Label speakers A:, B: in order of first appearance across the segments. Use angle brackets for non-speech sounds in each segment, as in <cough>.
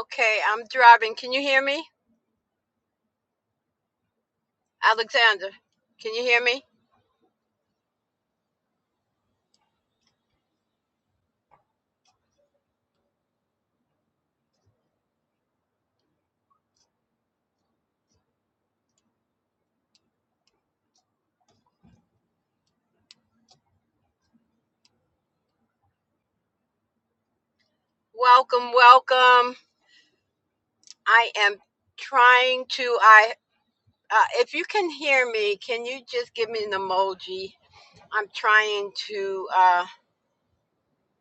A: Okay, I'm driving. Can you hear me? Alexander, can you hear me? Welcome, welcome. I am trying to I uh, if you can hear me, can you just give me an emoji? I'm trying to uh,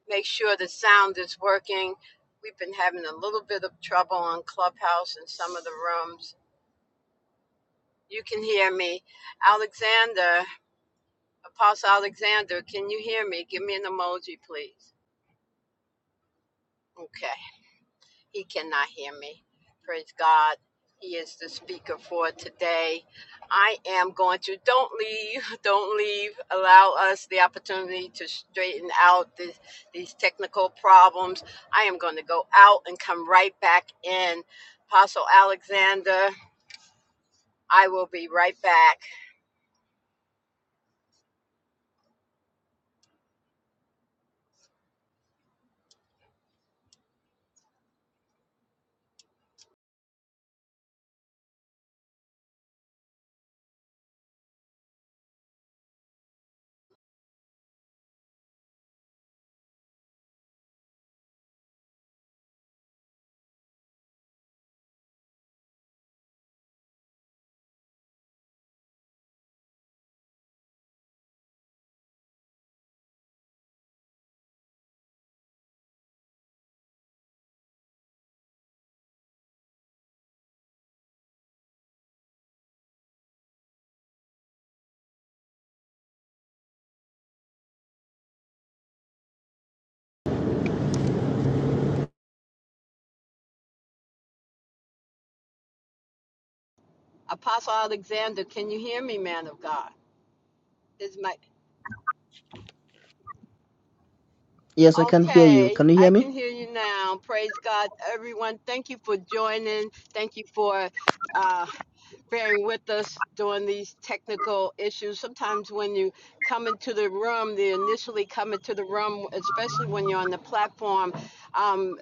A: make sure the sound is working. We've been having a little bit of trouble on Clubhouse in some of the rooms. You can hear me. Alexander, Apostle Alexander, can you hear me? Give me an emoji, please. Okay. He cannot hear me. Praise God. He is the speaker for today. I am going to, don't leave, <laughs> don't leave. Allow us the opportunity to straighten out this, these technical problems. I am going to go out and come right back in. Apostle Alexander, I will be right back. Apostle Alexander, can you hear me, man of God? His mic,
B: Yes, I can hear you.
A: Okay,
B: Can you hear
A: I can
B: me?
A: hear you now. Praise God, everyone. Thank you for joining. Thank you for uh, bearing with us during these technical issues. Sometimes when you come into the room, they initially come into the room, especially when you're on the platform, um,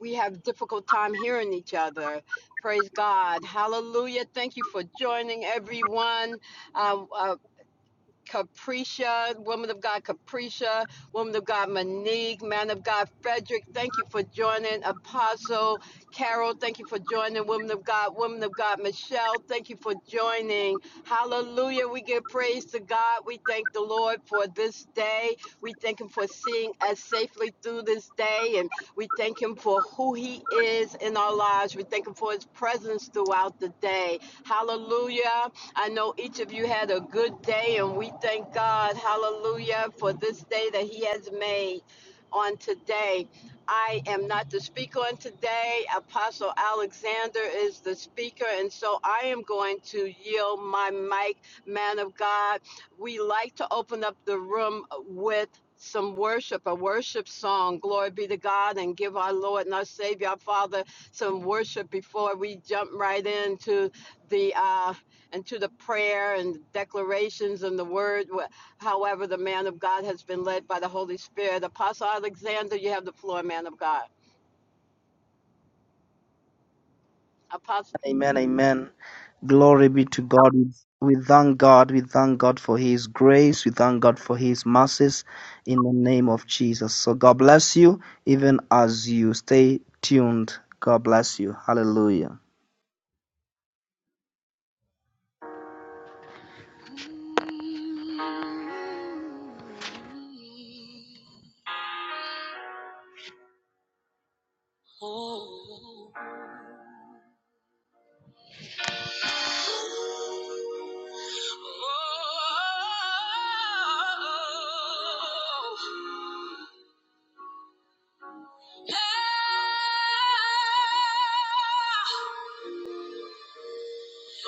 A: we have difficult time hearing each other. Praise God. Hallelujah. Thank you for joining everyone. Uh, uh, Capricia, woman of God, Capricia, woman of God, Monique, man of God, Frederick. Thank you for joining, Apostle Carol. Thank you for joining, woman of God, woman of God, Michelle. Thank you for joining. Hallelujah. We give praise to God. We thank the Lord for this day. We thank Him for seeing us safely through this day. And we thank Him for who He is in our lives. We thank Him for His presence throughout the day. Hallelujah. I know each of you had a good day, and we thank God, hallelujah, for this day that He has made on today. I am not the speaker on today. Apostle Alexander is the speaker, and so I am going to yield my mic, man of God. We like to open up the room with some worship, a worship song. Glory be to God, and give our Lord and our Savior, our Father, some worship before we jump right into the uh, and to the prayer and declarations and the word, however, the man of God has been led by the Holy Spirit. Apostle Alexander, you have the floor, man of God. Apostle.
B: Amen, amen. Glory be to God. We we thank God. We thank God for His grace. We thank God for His mercies in the name of Jesus. So God bless you, even as you stay tuned. God bless you. Hallelujah. Ah,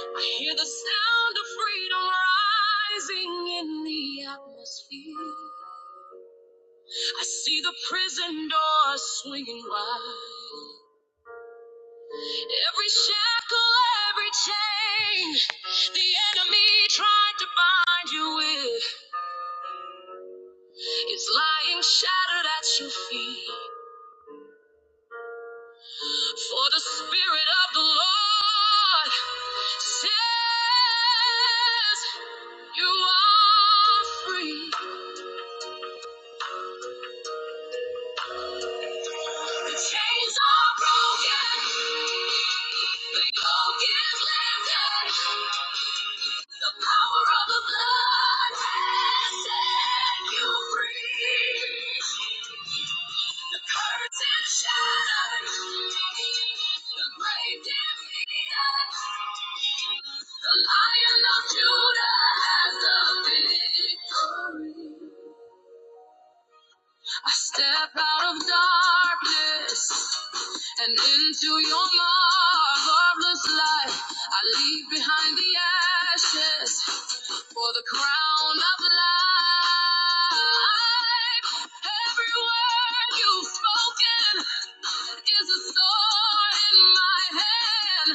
B: I hear the sound of freedom rising in the atmosphere. I see the prison doors swinging wide. Every shackle, every chain the enemy tried to bind you with is lying shattered at your feet. For the Spirit of the Lord says you are free. The chains are broken. The yoke is lifted. The power of the blood has set you free. The curtains shut. The grave defeated. The Lion of Judah has the victory. I step out of darkness and into your marvelous light. I leave behind the ashes for the crown of life. Every word you've spoken is a sword in my hand.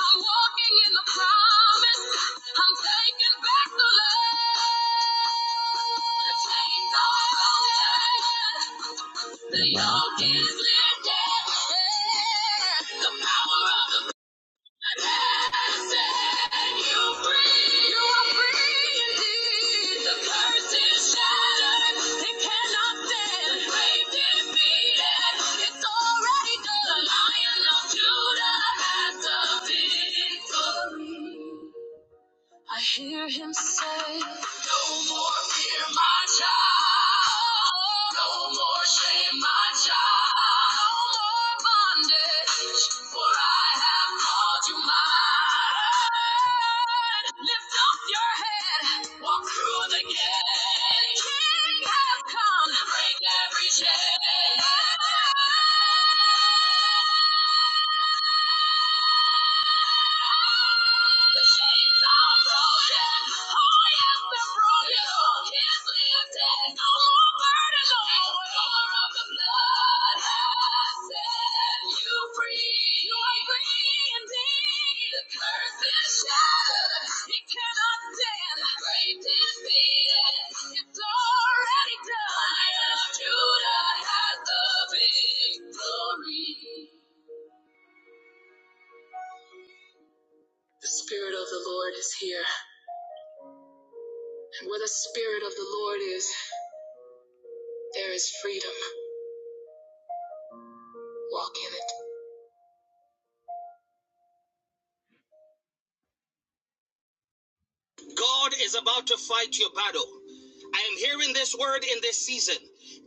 B: I'm walking in the promise. I'm taking back the land. The chains are broken. The yoke is lifted. Yeah. The power of the Victory. I hear him say, No more fear, my child. No more shame, my child. No more bondage, for I have called you mine. Lift up your head, walk through the gate. The King has come, break every chain. The Oh, yes, No no Spirit of the Lord is here. And Where the Spirit of the Lord is, there is freedom. Walk in it. God is about to fight your battle. I am hearing this word in this season.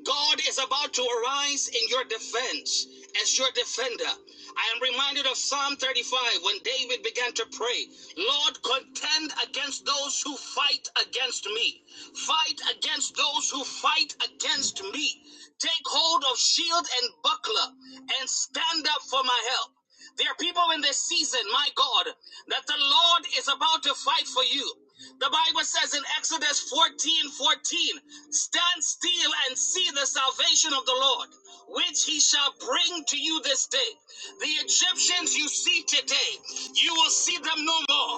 B: God is about to arise in your defense as your defender. I am reminded of Psalm 35 when David began to pray, Lord, contend against those who fight against me. Fight against those who fight against me. Take hold of shield and buckler and stand up for my help. There are people in this season, my God, that the Lord is about to fight for you. The Bible says in Exodus 14 14, stand still and see the salvation of the Lord, which he shall bring to you this day. The Egyptians you see today, you will see them no more.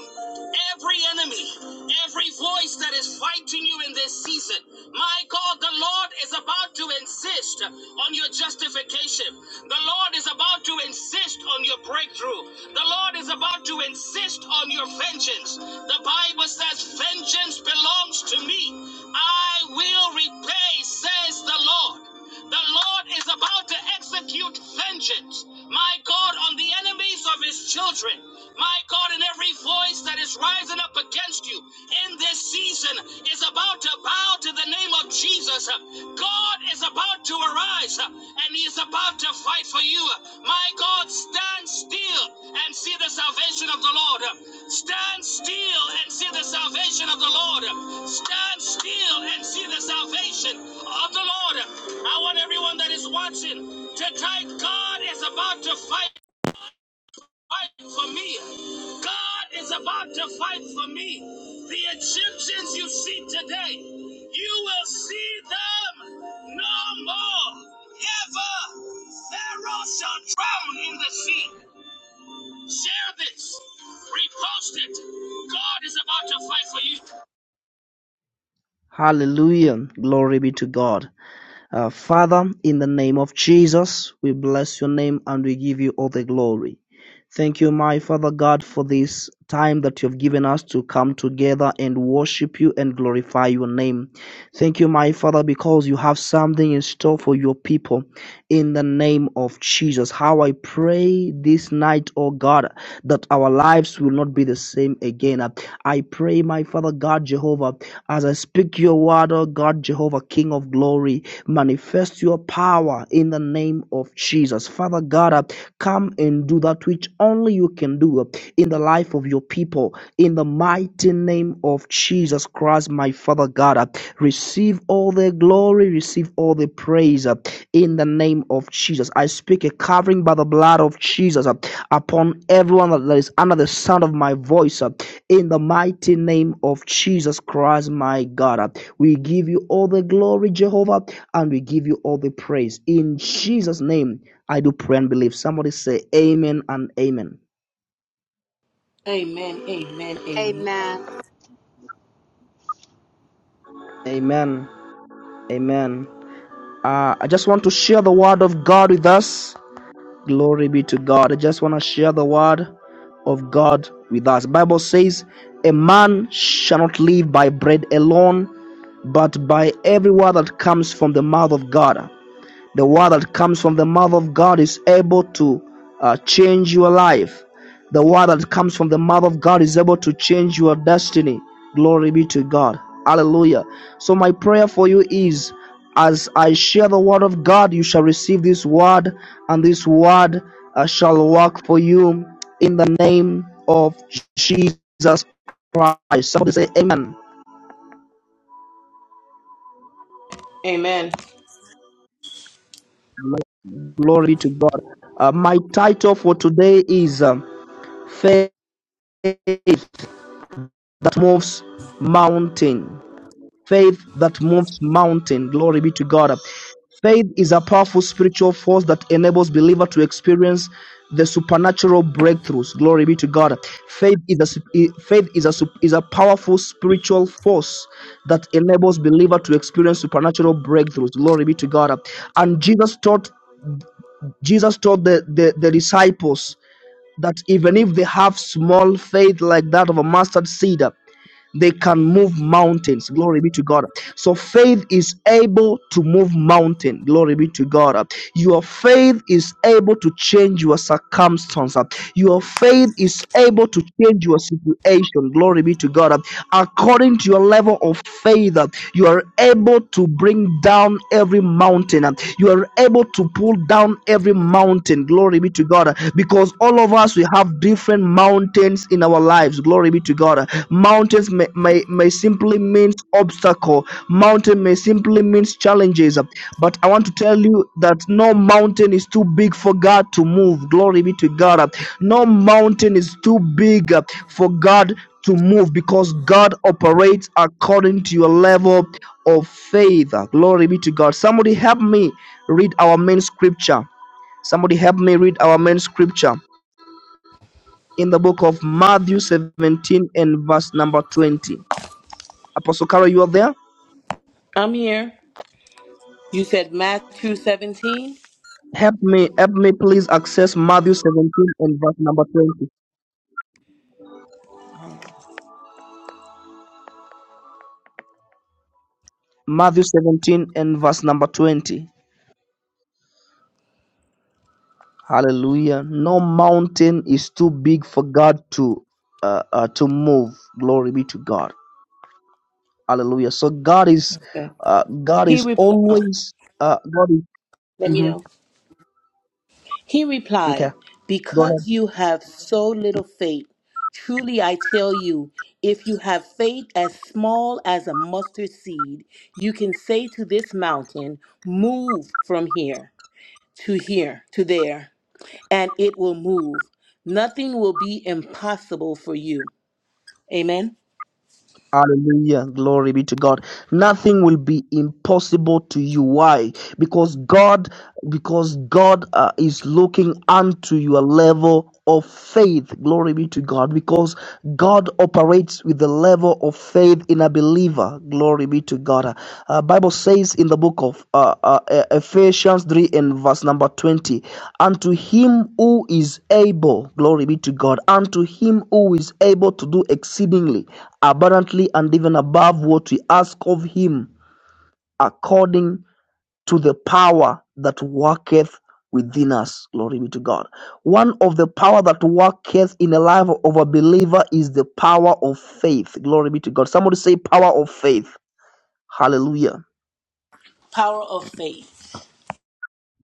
B: Every enemy, every voice that is fighting you in this season, my God, the Lord is about about to insist on your justification. The Lord is about to insist on your breakthrough. The Lord is about to insist on your vengeance. The Bible says, Vengeance belongs to me. I will repay, says the Lord. The Lord is about to execute vengeance, my God, on the enemies of his children. My God, in every voice that is rising up against you in this season is about to bow to the name of Jesus. God is about to arise and he is about to to fight for you. My God, stand still and see the salvation of the Lord. Stand still and see the salvation of the Lord. Stand still and see the salvation of the Lord. I want everyone that is watching to type God is about to fight fight for me. God is about to fight for me. The Egyptians you see today, you will see them no more. Ever. Pharaoh shall drown in the sea. Share this. Repost it. God is about to fight for you. Hallelujah. Glory be to God. Uh, Father, in the name of Jesus, we bless your name and we give you all the glory. Thank you, my Father God, for this time that you've given us to come together and worship you and glorify your name. Thank you, my Father, because you have something in store for your people in the name of Jesus. How I pray this night, oh God, that our lives will not be the same again. I pray, my Father God, Jehovah. As I speak your word, O God, Jehovah, King of glory, manifest your power in the name of Jesus. Father God, uh, come and do that which only you can do uh, in the life of your people. In the mighty name of Jesus Christ, my Father God, uh, receive all the glory, receive all the praise. uh, in the name of Jesus. I speak a covering by the blood of Jesus uh, upon everyone that is under the sound of my voice uh, in the mighty name of Jesus Christ, my God. uh. We give you all the glory, Jehovah, and we give you all the praise. In Jesus' name, I do pray and believe. Somebody say amen and amen.
C: Amen. Amen. Amen.
A: Amen.
B: Amen. Amen. Uh, I just want to share the word of God with us. Glory be to God. I just want to share the word of God with us. The Bible says, "A man shall not live by bread alone, but by every word that comes from the mouth of God." The word that comes from the mouth of God is able to uh, change your life. The word that comes from the mouth of God is able to change your destiny. Glory be to God. Hallelujah. So, my prayer for you is as I share the word of God, you shall receive this word, and this word uh, shall work for you in the name of Jesus Christ. Somebody say, Amen.
C: Amen.
B: Glory to God. Uh, my title for today is um, Faith faith that moves mountain. Faith that moves mountain. Glory be to God. Faith is a powerful spiritual force that enables believer to experience the supernatural breakthroughs. Glory be to God. Faith is a faith is a is a powerful spiritual force that enables believer to experience supernatural breakthroughs. Glory be to God. And Jesus taught Jesus taught the, the, the disciples that even if they have small faith like that of a mustard seed, they can move mountains. Glory be to God. So faith is able to move mountain. Glory be to God. Your faith is able to change your circumstance. Your faith is able to change your situation. Glory be to God. According to your level of faith, you are able to bring down every mountain. You are able to pull down every mountain. Glory be to God. Because all of us we have different mountains in our lives. Glory be to God. Mountains may, may, may simply means obstacle. Mountain may simply means challenges. But I want to tell you that no mountain is too big for God to move. Glory be to God. No mountain is too big uh, for God to move because God operates according to your level of faith. Glory be to God. Somebody help me read our main scripture. Somebody help me read our main scripture in the book of Matthew 17 and verse number 20. Apostle Carol, you are there?
C: I'm here. You said Matthew 17.
B: Help me, help me please access Matthew 17 and verse number 20. Matthew 17 and verse number 20. Hallelujah. No mountain is too big for God to uh, uh, to move. Glory be to God. Hallelujah. So God is
C: Okay.
B: uh, God
C: He
B: is
C: replied, oh,
B: always uh, God is
C: let me
B: mhm.
C: know. He
B: okay.
C: replied,
B: Go ahead.
C: Because you have so little faith, truly I tell you, if you have faith as small as a mustard seed, you can say to this mountain, Move from here to here to there, and it will move. Nothing will be impossible for you. Amen.
B: Hallelujah. Glory be to God. Nothing will be impossible to you. Why? Because God, because God uh, is looking unto your level of faith. Glory be to God. Because God operates with the level of faith in a believer. Glory be to God. Uh, Bible says in the book of uh, uh, E-, Ephesians 3 and verse number 20, unto him who is able, glory be to God, unto him who is able to do exceedingly abundantly and even above what we ask of him according to the power that worketh within us. Glory be to God. One of the power that worketh in the life of a believer is the power of faith. Glory be to God. Somebody say power of faith. Hallelujah.
C: Power of faith.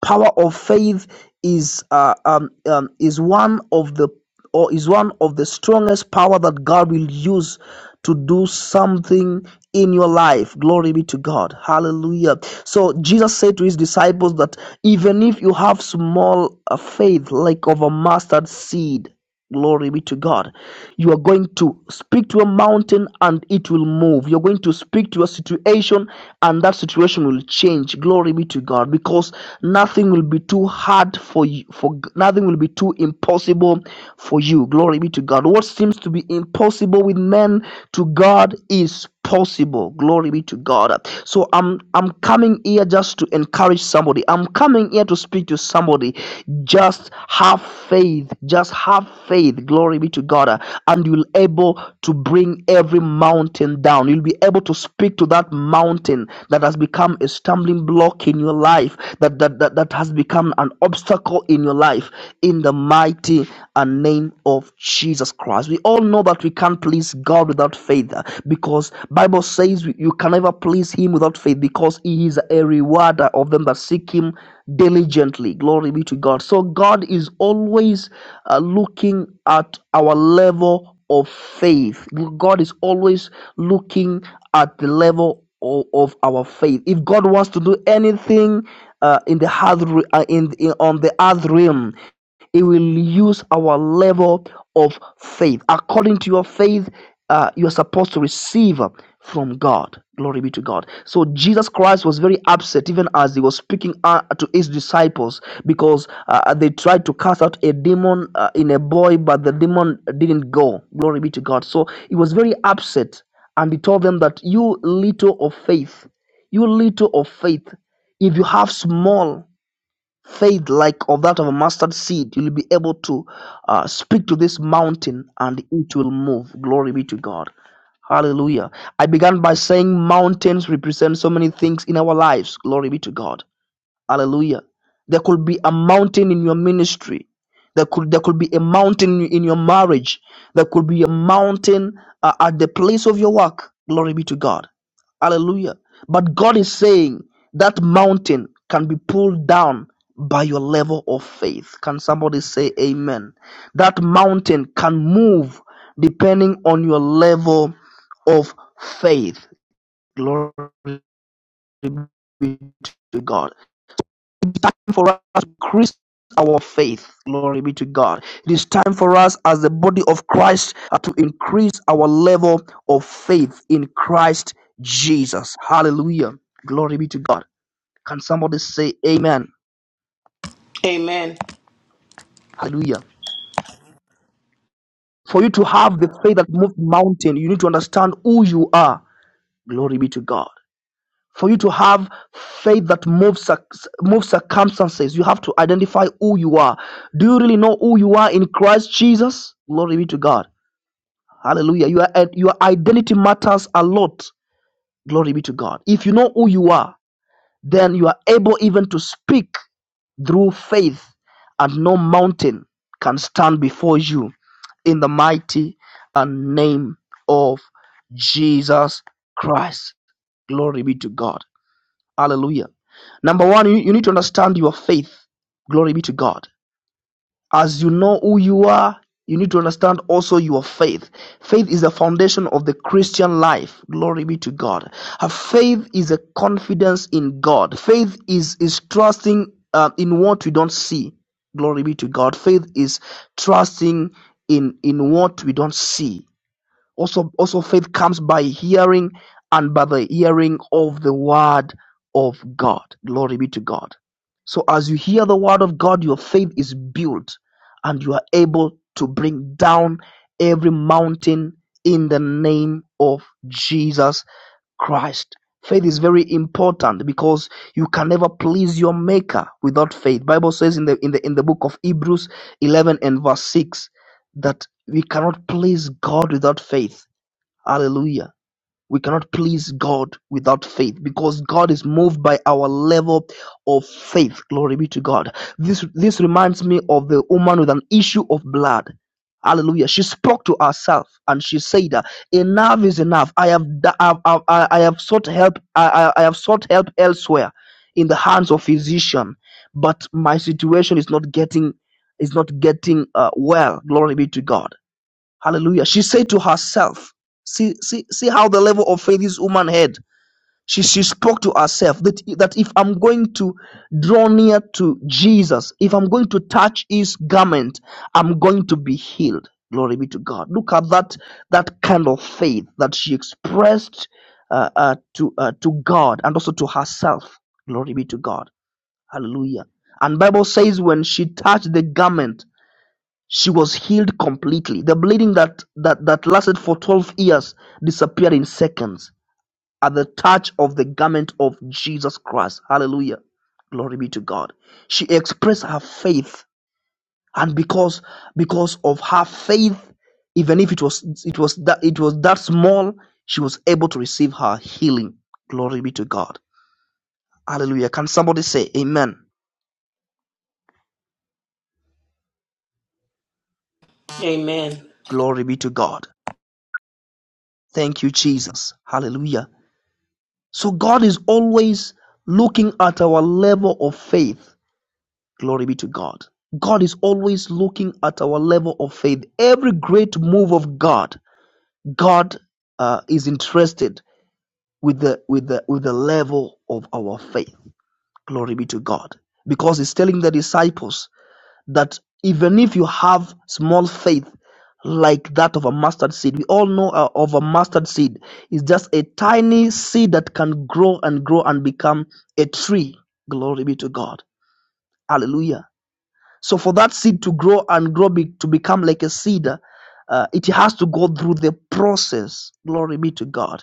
B: power of faith is uh, um, um, is one of the or is one of the strongest power that God will use to do something in your life. Glory be to God. Hallelujah. So Jesus said to his disciples that even if you have small uh, faith like of a mustard seed Glory be to God. You are going to speak to a mountain and it will move. You're going to speak to a situation and that situation will change. Glory be to God because nothing will be too hard for you for nothing will be too impossible for you. Glory be to God. What seems to be impossible with men to God is possible. Glory be to God. So I'm I'm coming here just to encourage somebody. I'm coming here to speak to somebody. Just have faith. Just have faith. Glory be to God. And you'll able to bring every mountain down. You'll be able to speak to that mountain that has become a stumbling block in your life, that that, that, that has become an obstacle in your life. In the mighty and name of Jesus Christ. Christ. We all know that we can't please God without faith uh, because Bible says you can never please him without faith because he is a rewarder of them that seek him diligently. Glory be to God. So God is always uh, looking at our level of faith. God is always looking at the level o- of, our faith. If God wants to do anything uh, in the earth, uh, in, in on the earth realm, he will use our level of faith. According to your faith, uh, you're supposed to receive from God. Glory be to God. So Jesus Christ was very upset even as he was speaking uh, to his disciples because uh, they tried to cast out a demon uh, in a boy, but the demon didn't go. Glory be to God. So he was very upset and he told them that you little of faith, you little of faith, if you have small faith like of that of a mustard seed, you'll be able to uh, speak to this mountain and it will move. Glory be to God. Hallelujah. I began by saying mountains represent so many things in our lives. Glory be to God. Hallelujah. There could be a mountain in your ministry. There could there could be a mountain in your marriage. There could be a mountain uh, at the place of your work. Glory be to God. Hallelujah. But God is saying that mountain can be pulled down by your level of faith. Can somebody say amen? That mountain can move depending on your level of faith. Glory be to God. It is time for us to increase our faith. Glory be to God. It is time for us as the body of Christ uh, to increase our level of faith in Christ Jesus. Hallelujah. Glory be to God. Can somebody say amen?
C: Amen.
B: Hallelujah. For you to have the faith that moves mountain, you need to understand who you are. Glory be to God. for you to have faith that moves cir- moves circumstances you have to identify who you are do you really know who you are in christ jesus glory be to god hallelujah your, i- your identity matters a lot glory be to god if you know who you are then you are able even to speak through faith and no mountain can stand before you in the mighty and name of jesus christ glory be to god Hallelujah. Number one, you, you need to understand your faith. Glory be to God. As you know who you are, you need to understand also your faith. Faith is the foundation of the Christian life. Glory be to God. Uh, faith is a confidence in God. Faith is is trusting uh, in what we don't see. Glory be to God. Faith is trusting in in what we don't see. Also, also faith comes by hearing and by the hearing of the word of God. Glory be to God. So as you hear the word of God, your faith is built and you are able to bring down every mountain in the name of Jesus Christ. Faith is very important because you can never please your maker without faith. Bible says in the in the in the book of Hebrews 11 and verse 6 that we cannot please God without faith. Hallelujah. We cannot please God without faith because God is moved by our level of faith. Glory be to God. This this reminds me of the woman with an issue of blood. Hallelujah. She spoke to herself and she said, "Enough is enough. I have I, have I have sought help. I, I I have sought help elsewhere, in the hands of physician, but my situation is not getting is not getting uh, well. Glory be to God." Hallelujah. She said to herself, see, see, see how the level of faith this woman had. She, she spoke to herself that, that if I'm going to draw near to Jesus, if I'm going to touch his garment, I'm going to be healed. Glory be to God. Look at that, that kind of faith that she expressed uh, uh, to, uh, to God and also to herself. Glory be to God. Hallelujah. And Bible says when she touched the garment, she was healed completely. The bleeding that, that, that lasted for 12 years disappeared in seconds at the touch of the garment of Jesus Christ. Hallelujah. Glory be to God. She expressed her faith and because because of her faith even if it was it was that it was that small she was able to receive her healing. Glory be to God. Hallelujah. Can somebody say amen?
C: Amen.
B: Glory be to God. Thank you Jesus. Hallelujah. So God is always looking at our level of faith. Glory be to God. God is always looking at our level of faith. Every great move of God, God uh, is interested with the with the with the level of our faith. Glory be to God. Because He's telling the disciples that even if you have small faith like that of a mustard seed we all know uh, of a mustard seed is just a tiny seed that can grow and grow and become a tree glory be to god hallelujah so for that seed to grow and grow be, to become like a cedar uh, it has to go through the process glory be to god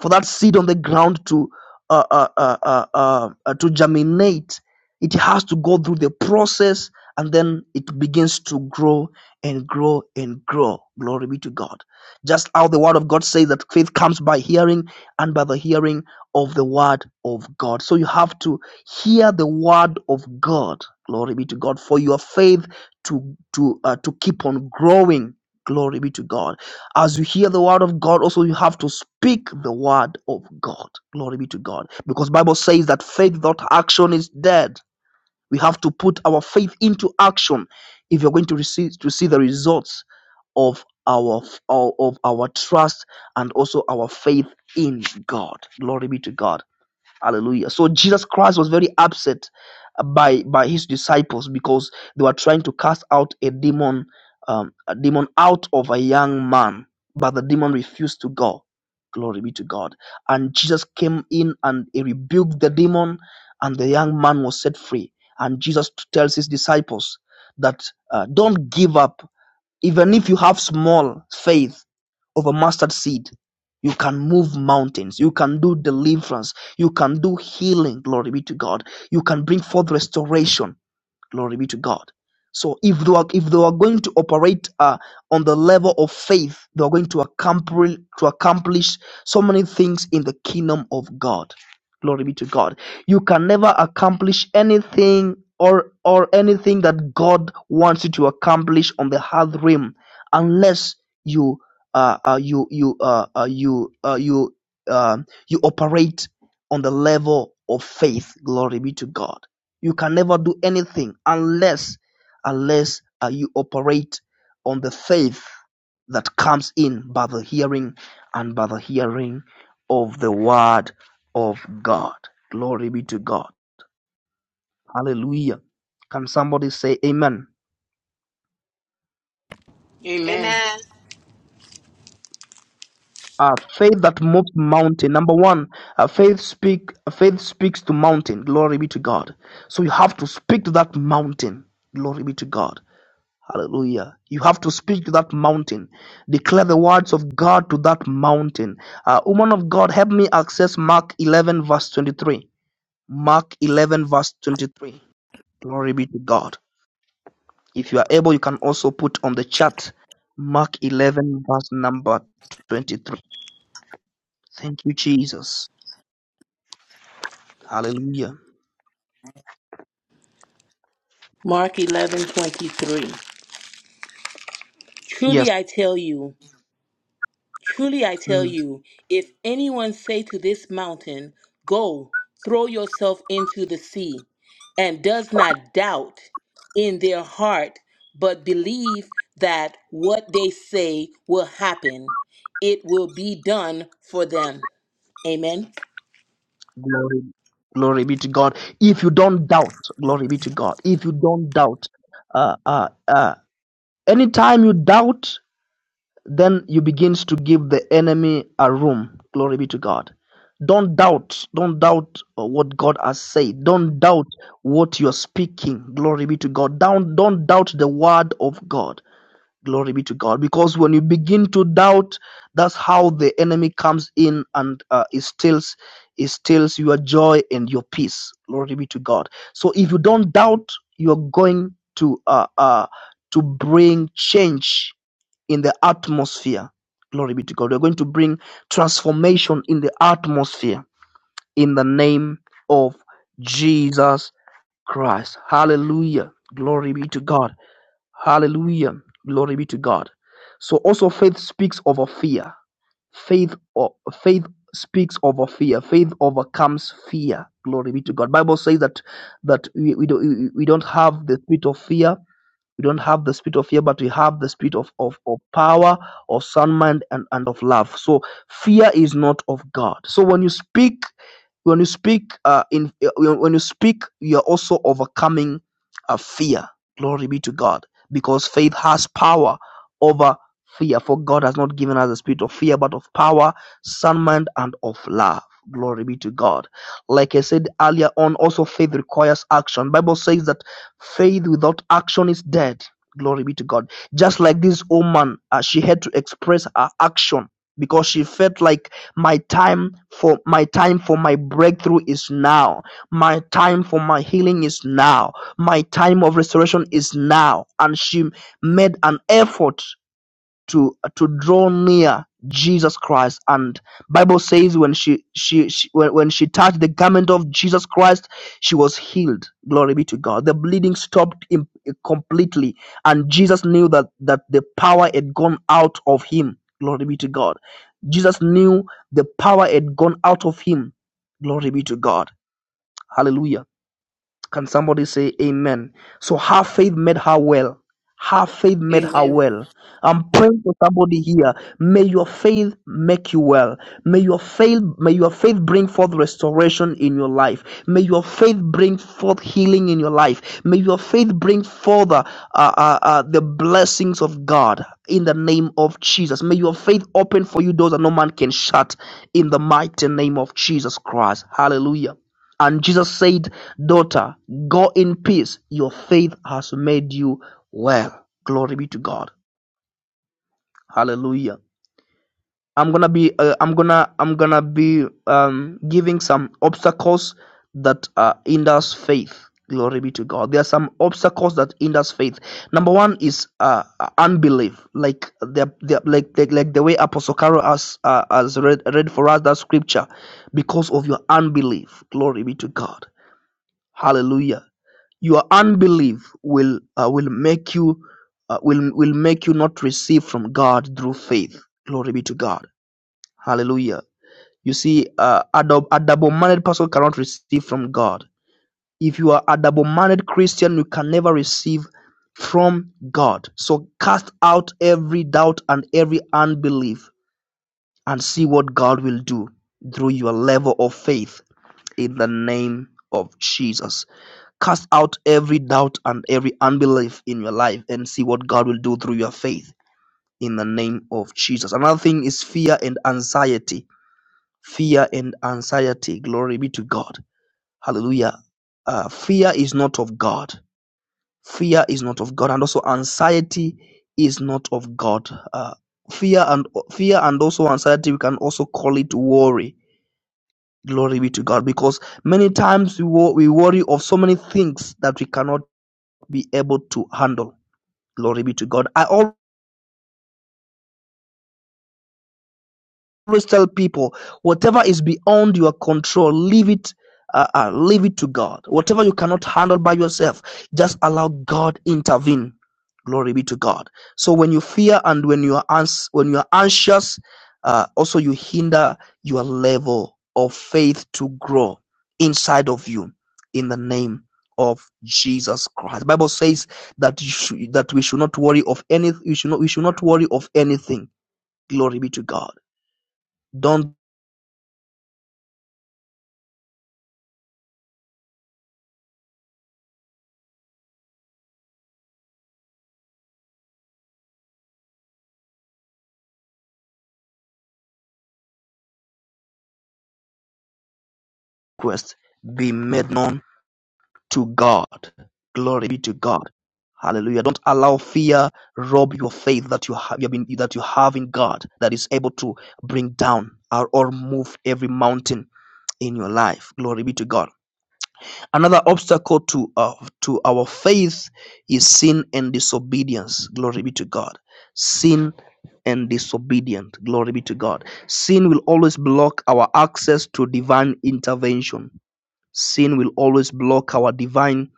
B: for that seed on the ground to uh, uh, uh, uh, uh, uh, to germinate, it has to go through the process, and then it begins to grow and grow and grow. Glory be to God. Just how the Word of God says that faith comes by hearing, and by the hearing of the Word of God. So you have to hear the Word of God. Glory be to God for your faith to to uh, to keep on growing. Glory be to God. As you hear the word of God, also you have to speak the word of God. Glory be to God. Because Bible says that faith without action is dead. We have to put our faith into action if you're going to receive to see the results of our of our trust and also our faith in God. Glory be to God. Hallelujah. So Jesus Christ was very upset by by his disciples because they were trying to cast out a demon um, a demon out of a young man, but the demon refused to go. Glory be to God. And Jesus came in and he rebuked the demon, and the young man was set free. And Jesus tells his disciples that uh, don't give up even if you have small faith of a mustard seed, you can move mountains. You can do deliverance. You can do healing. Glory be to God. You can bring forth restoration. Glory be to God. So if they are if they are going to operate uh, on the level of faith, they are going to accomplish to accomplish so many things in the kingdom of God. Glory be to God. You can never accomplish anything or or anything that God wants you to accomplish on the hard rim unless you uh, uh you you uh, uh you uh, you uh, you operate on the level of faith. Glory be to God. You can never do anything unless unless uh, you operate on the faith that comes in by the hearing and by the hearing of the word of God. Glory be to God. Hallelujah. Can somebody say amen?
C: Amen.
A: Amen.
B: Uh, faith that moves mountain. Number one, uh, faith speak. Faith speaks to mountain. Glory be to God. So you have to speak to that mountain. Glory be to God. Hallelujah. You have to speak to that mountain. Declare the words of God to that mountain. Uh, woman of God, help me access Mark 11, verse 23. Mark 11, verse 23. Glory be to God. If you are able, you can also put on the chat Mark 11, verse number 23. Thank you, Jesus. Hallelujah.
C: Mark eleven twenty three.
B: Yes.
C: Truly I tell you, truly I tell
B: Mm.
C: you, if anyone say to this mountain, Go, throw yourself into the sea, and does not doubt in their heart, but believe that what they say will happen, it will be done for them. Amen.
B: Glory. Glory be to God. If you don't doubt, glory be to God. If you don't doubt, uh, uh, uh, Anytime you doubt, then you begins to give the enemy a room. Glory be to God. Don't doubt. Don't doubt uh, what God has said. Don't doubt what you're speaking. Glory be to God. Don't, don't doubt the word of God. Glory be to God. Because when you begin to doubt, that's how the enemy comes in and uh, it steals, it steals your joy and your peace. Glory be to God. So if you don't doubt, you're going to uh, uh, to bring change in the atmosphere. Glory be to God. We're going to bring transformation in the atmosphere in the name of Jesus Christ. Hallelujah. Glory be to God. Hallelujah. Glory be to God. So also faith speaks over fear. Faith or faith speaks over fear. Faith overcomes fear. Glory be to God. Bible says that that we, we, don't, we don't have the spirit of fear, we don't have the spirit of fear, but we have the spirit of, of, of power, of sound mind, and, and of love. So fear is not of God. So when you speak, when you speak, uh, in uh, when you speak, you are also overcoming uh, fear. Glory be to God, because faith has power over fear. For God has not given us the spirit of fear, but of power, sound mind, and of love. Glory be to God. Like I said earlier on, also faith requires action. Bible says that Faith without action is dead. Glory be to God. Just like this woman, uh, she had to express her action because she felt like my time for my time for my breakthrough is now. My time for my healing is now. My time of restoration is now. And she made an effort to to draw near Jesus Christ. And Bible says when she she, she when, when she touched the garment of Jesus Christ, she was healed. Glory be to God. The bleeding stopped im- completely, and Jesus knew that that the power had gone out of him. Glory be to God. Jesus knew the power had gone out of him. Glory be to God. Hallelujah. Can somebody say amen? So her faith made her well. Her faith made her
C: Amen.
B: well. I'm praying for somebody here. May your faith make you well. May your faith, may your faith bring forth restoration in your life. May your faith bring forth healing in your life. May your faith bring forth uh, uh, uh, uh, the blessings of God in the name of Jesus. May your faith open for you doors that no man can shut in the mighty name of Jesus Christ. Hallelujah. And Jesus said, Daughter, go in peace. Your faith has made you well. Glory be to God. Hallelujah. I'm gonna be uh, I'm gonna I'm gonna be um, giving some obstacles that uh, hinders faith. Glory be to God. There are some obstacles that hinders faith. Number one is uh, unbelief, like the, the like, like like the way Apostle Caro has uh, has read read for us that scripture, because of your unbelief. Glory be to God. Hallelujah Your unbelief will uh, will make you uh, will will make you not receive from God through faith. Glory be to God. Hallelujah. You see, uh, a, dou- a double-minded person cannot receive from God. If you are a double-minded Christian, you can never receive from God. So cast out every doubt and every unbelief and see what God will do through your level of faith in the name of Jesus. Cast out every doubt and every unbelief in your life and see what God will do through your faith in the name of Jesus. Another thing is fear and anxiety. Fear and anxiety. Glory be to God. Hallelujah. Uh, fear is not of God. Fear is not of God. And also anxiety is not of God. Uh, fear and fear and also anxiety, we can also call it worry. Glory be to God. Because many times we, wo- we worry of so many things that we cannot be able to handle. Glory be to God. I always always tell people whatever is beyond your control leave it uh, uh, leave it to god whatever you cannot handle by yourself just allow god intervene glory be to god so when you fear and when you are ans- when you are anxious uh, also you hinder your level of faith to grow inside of you in the name of jesus christ the bible says that you should, that we should not worry of anything we should not we should not worry of anything glory be to god don't request be made known to God. Glory be to God. Hallelujah. Don't allow fear rob your faith that you have you have been- that you have in God that is able to bring down or, or move every mountain in your life. Glory be to God. Another obstacle to uh, to our faith is sin and disobedience. Glory be to God. Sin and disobedient. Glory be to God. Sin will always block our access to divine intervention Sin will always block our divine,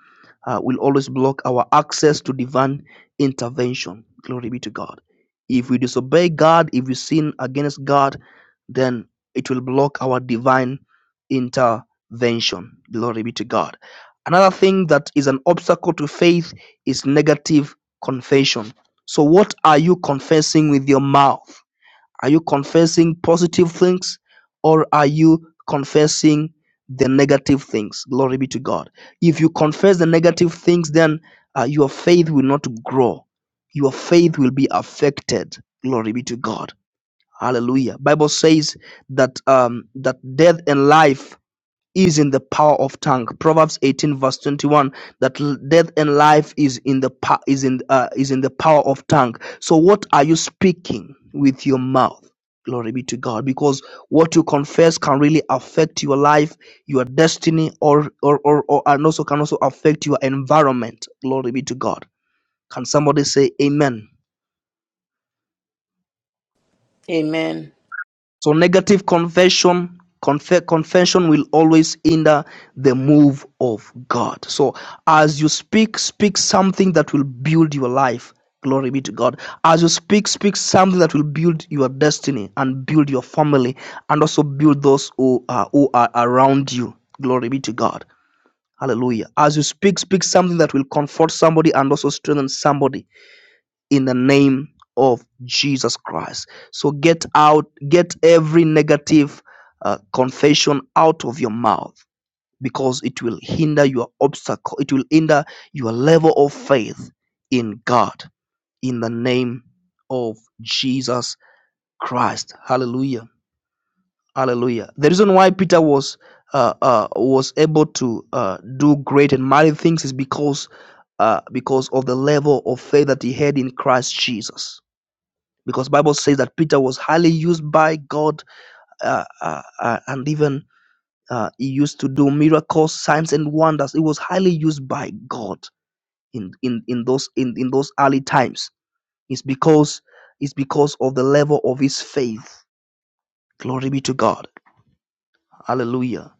B: uh, will always block our access to divine intervention. Glory be to God. If we disobey God, if we sin against God, then it will block our divine intervention. Glory be to God. Another thing that is an obstacle to faith is negative confession. So, what are you confessing with your mouth? Are you confessing positive things or are you confessing the negative things? Glory be to God. If you confess the negative things, then uh, your faith will not grow. Your faith will be affected. Glory be to God. Hallelujah. Bible says that um, that death and life is in the power of tongue. Proverbs 18 verse 21 that death and life is in the pa- is in uh, is in the power of tongue. So what are you speaking with your mouth? Glory be to God because what you confess can really affect your life, your destiny or or or, or and also can also affect your environment. Glory be to God. Can somebody say amen?
C: Amen.
B: So negative confession, conf- convention will always hinder the move of God. So as you speak, speak something that will build your life. Glory be to God. As you speak, speak something that will build your destiny and build your family and also build those who are, who are around you. Glory be to God. Hallelujah. As you speak, speak something that will comfort somebody and also strengthen somebody in the name of Jesus Christ. So get out, get every negative uh, confession out of your mouth because it will hinder your obstacle, it will hinder your level of faith in God in the name of Jesus Christ. Hallelujah. Hallelujah. The reason why Peter was uh, uh, was able to uh, do great and mighty things is because uh, because of the level of faith that he had in Christ Jesus because bible says that peter was highly used by god uh, uh, uh, and even uh, he used to do miracles signs and wonders he was highly used by god in in, in those in, in those early times it's because it's because of the level of his faith glory be to god hallelujah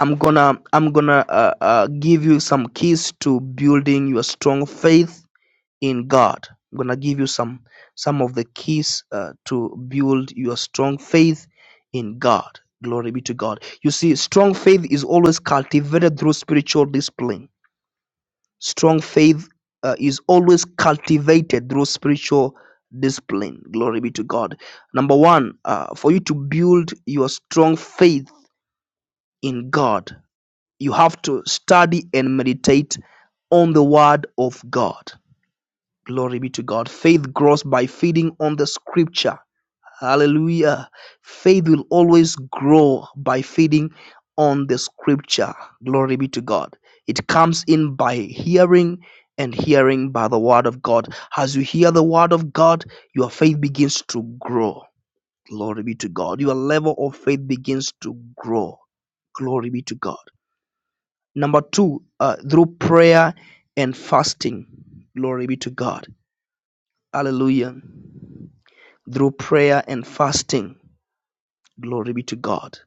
B: i'm gonna i'm gonna uh, uh, give you some keys to building your strong faith in God. I'm gonna give you some some of the keys uh, to build your strong faith in God. Glory be to God. You see, strong faith is always cultivated through spiritual discipline. Strong faith uh, is always cultivated through spiritual discipline. Glory be to God. Number one, uh, for you to build your strong faith in God, you have to study and meditate on the Word of God Glory be to God. Faith grows by feeding on the scripture. Hallelujah. Faith will always grow by feeding on the scripture. Glory be to God. It comes in by hearing and hearing by the word of God. As you hear the word of God, your faith begins to grow. Glory be to God. Your level of faith begins to grow. Glory be to God. Number two, uh, through prayer and fasting. Glory be to God Hallelujah. Through prayer and fasting, glory be to God.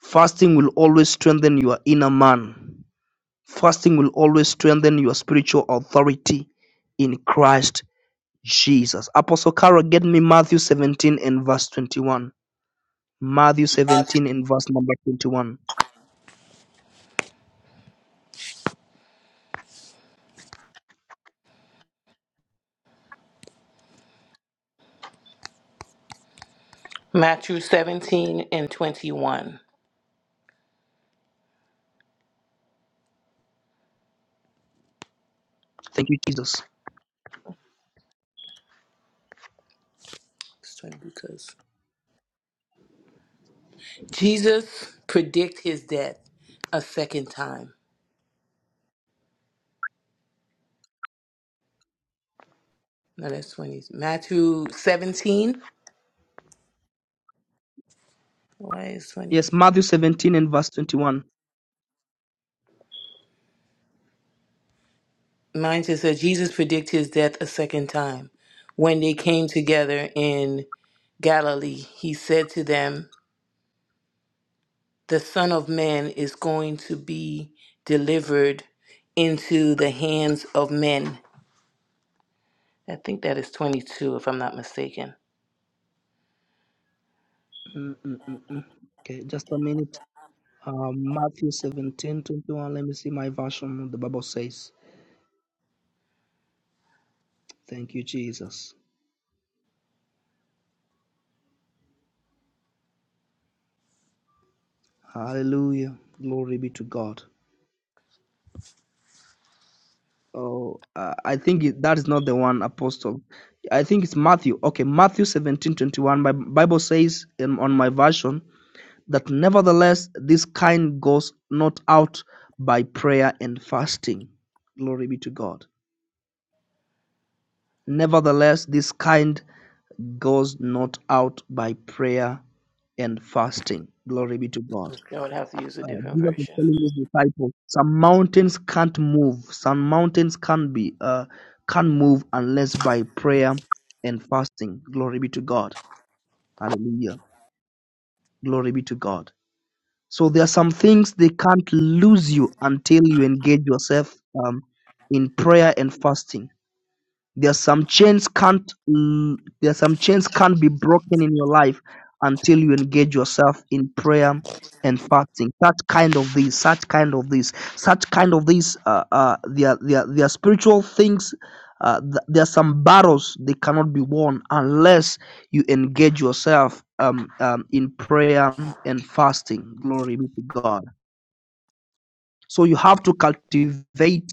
B: Fasting will always strengthen your inner man. Fasting will always strengthen your spiritual authority in Christ Jesus. Apostle Carol, get me Matthew 17 and verse 21. Matthew 17 and verse number 21.
C: Matthew 17 and 21.
B: Thank you, Jesus.
C: Let's try Lucas. Jesus predict his death a second time. No, that's 20. Matthew 17. Why is
B: Yes,
C: 20?
B: Matthew 17 and verse 21.
C: Mine just says Jesus predict his death a second time. When they came together in Galilee, he said to them, The Son of Man is going to be delivered into the hands of men. I think that is 22, if I'm not mistaken.
B: Mm, mm, mm, mm. Okay, just a minute. Uh, Matthew 17, 21. Let me see my version. what The Bible says. Thank you, Jesus. Hallelujah. Glory be to God. Oh, uh, I think it, that is not the one, Apostle. I think it's Matthew. Okay, Matthew seventeen twenty-one. My Bible says in, on my version that nevertheless, this kind goes not out by prayer and fasting. Glory be to God. Nevertheless, this kind goes not out by prayer and fasting. Glory be to God.
C: I would have to use a
B: uh,
C: different
B: Jesus was
C: version.
B: telling his disciples, some mountains can't move, some mountains can't be, uh, can't move unless by prayer and fasting. Glory be to God. Hallelujah. Glory be to God. So there are some things they can't lose you until you engage yourself um, in prayer and fasting. There are some chains can't mm, there are some chains can't be broken in your life until you engage yourself in prayer and fasting. Such kind of these, such kind of these, such kind of these. Uh, uh, there are- there are- there are spiritual things. Uh, th- there are some battles they cannot be won unless you engage yourself um, um, in prayer and fasting. Glory be to God. So you have to cultivate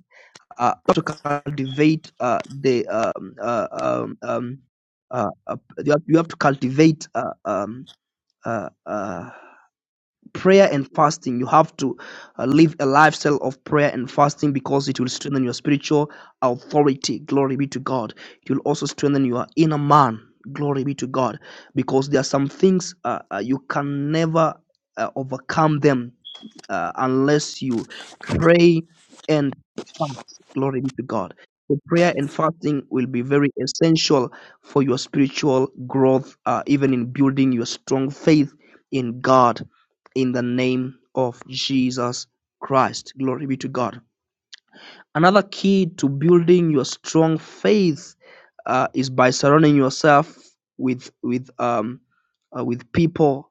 B: uh, not to cultivate uh, the um, uh, um, um, uh, uh, you, have, you have to cultivate uh, um, uh, uh, prayer and fasting you have to uh, live a lifestyle of prayer and fasting because it will strengthen your spiritual authority glory be to god it will also strengthen your inner man glory be to god because there are some things uh, uh, you can never uh, overcome them uh, unless you pray and fast glory be to god so prayer and fasting will be very essential for your spiritual growth uh, even in building your strong faith in god in the name of Jesus Christ. Glory be to God. Another key to building your strong faith uh, is by surrounding yourself with with um, uh, with people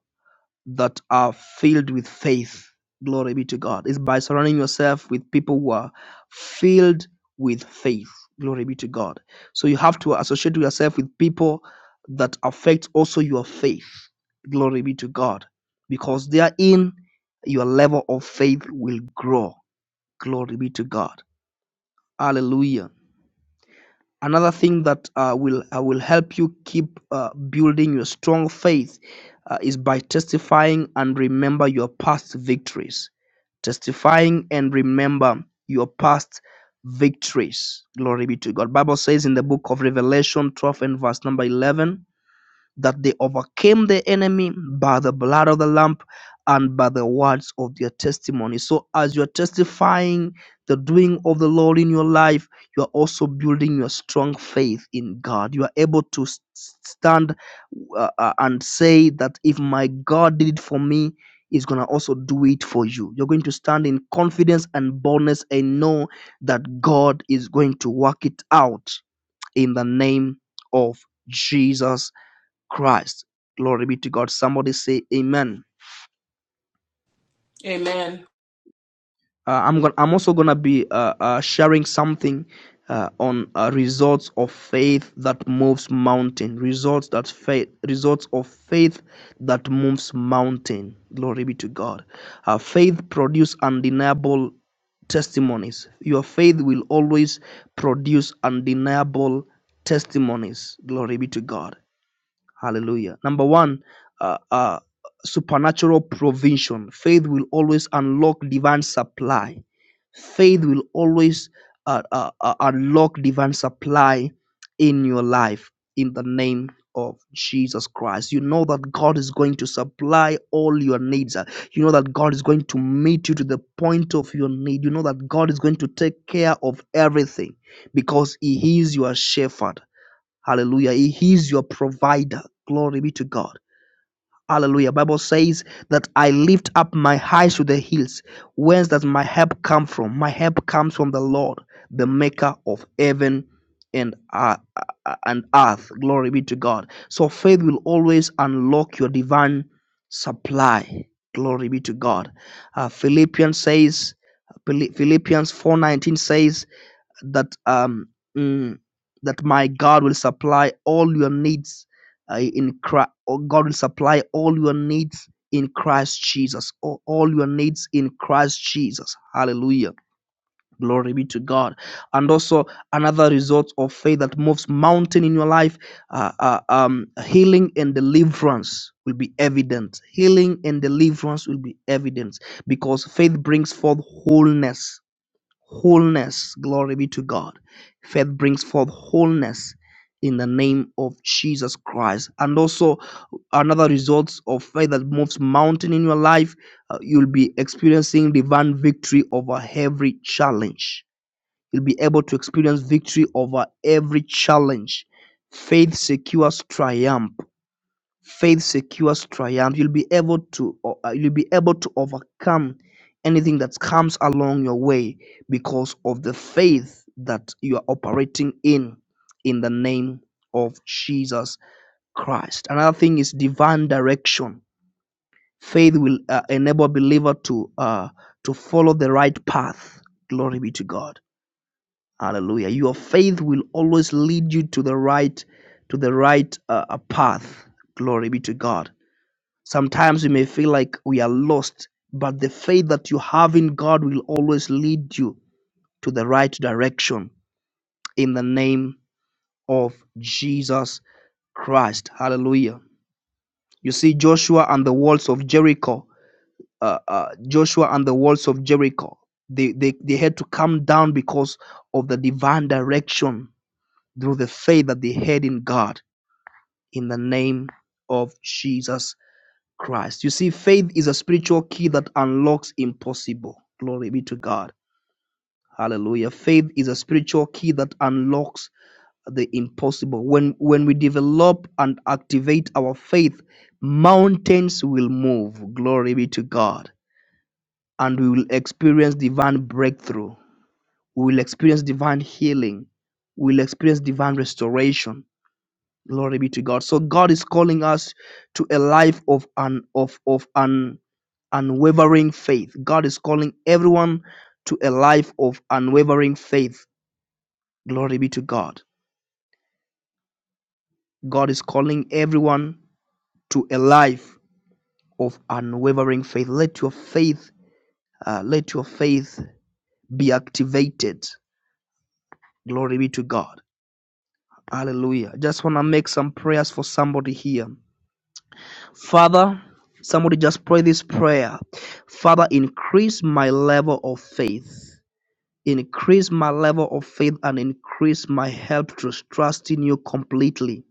B: that are filled with faith. Glory be to God. It's by surrounding yourself with people who are filled with faith. Glory be to God. So you have to associate yourself with people that affect also your faith. Glory be to God. Because therein your level of faith will grow. Glory be to God. Hallelujah another thing that uh, will uh, will help you keep uh, building your strong faith uh, is by testifying and remember your past victories testifying and remember your past victories glory be to god bible says in the book of revelation 12 and verse number 11 that they overcame the enemy by the blood of the lamb and by the words of their testimony. So, as you're testifying the doing of the Lord in your life, you are also building your strong faith in God. You are able to s- stand uh, uh, and say that if my God did it for me, He's going to also do it for you. You're going to stand in confidence and boldness and know that God is going to work it out in the name of Jesus Christ. Glory be to God. Somebody say Amen.
C: Amen.
B: Uh, I'm going. I'm also gonna be uh, uh, sharing something uh, on uh, results of faith that moves mountain. Results that faith. Results of faith that moves mountain. Glory be to God. Uh, faith produce undeniable testimonies. Your faith will always produce undeniable testimonies. Glory be to God. Hallelujah. Number one, uh, uh, supernatural provision. Faith will always unlock divine supply. Faith will always uh, uh, uh, unlock divine supply in your life in the name of Jesus Christ. You know that God is going to supply all your needs. Uh, You know that God is going to meet you to the point of your need. You know that God is going to take care of everything because He is your shepherd Hallelujah. He is your provider. Glory be to God. Hallelujah. Bible says that I lift up my eyes to the hills. Whence does my help come from? My help comes from the Lord, the maker of heaven and uh, uh, and earth. Glory be to God. So faith will always unlock your divine supply. Glory be to God. Uh, Philippians says Philippians 4:19 says that um mm, that my God will supply all your needs uh, in Christ. God will supply all your needs in Christ Jesus. All, all your needs in Christ Jesus. Hallelujah. Glory be to God. And also another result of faith that moves mountain in your life, uh, uh, um, healing and deliverance will be evident. Healing and deliverance will be evident because faith brings forth wholeness wholeness. Glory be to God. Faith brings forth wholeness in the name of Jesus Christ. And also, another result of faith that moves mountain in your life, uh, you'll be experiencing divine victory over every challenge. You'll be able to experience victory over every challenge. Faith secures triumph faith secures triumph you'll be able to o- uh, you'll be able to overcome anything that comes along your way because of the faith that you are operating in in the name of jesus christ another thing is divine direction faith will uh, enable a believer to uh, to follow the right path glory be to god hallelujah your faith will always lead you to the right to the right uh, uh, path glory be to god Sometimes we may feel like we are lost, but the faith that you have in God will always lead you to the right direction in the name of Jesus Christ. Hallelujah. You see, Joshua and the walls of Jericho, uh, uh, Joshua and the walls of Jericho, they, they, they had to come down because of the divine direction through the faith that they had in God in the name of Jesus Christ. You see, faith is a spiritual key that unlocks impossible. Glory be to God. Hallelujah. Faith is a spiritual key that unlocks the impossible. When when we develop and activate our faith, mountains will move. Glory be to God. And we will experience divine breakthrough. We will experience divine healing. We will experience divine restoration. Glory be to God. So God is calling us to a life of an of of an unwavering faith. God is calling everyone to a life of unwavering faith. Glory be to God. God is calling everyone to a life of unwavering faith. Let your faith, uh, let your faith be activated. Glory be to God. Hallelujah. Just want to make some prayers for somebody here. Father, somebody just pray this prayer. Father, increase my level of faith. Increase my level of faith and increase my help to trust in you completely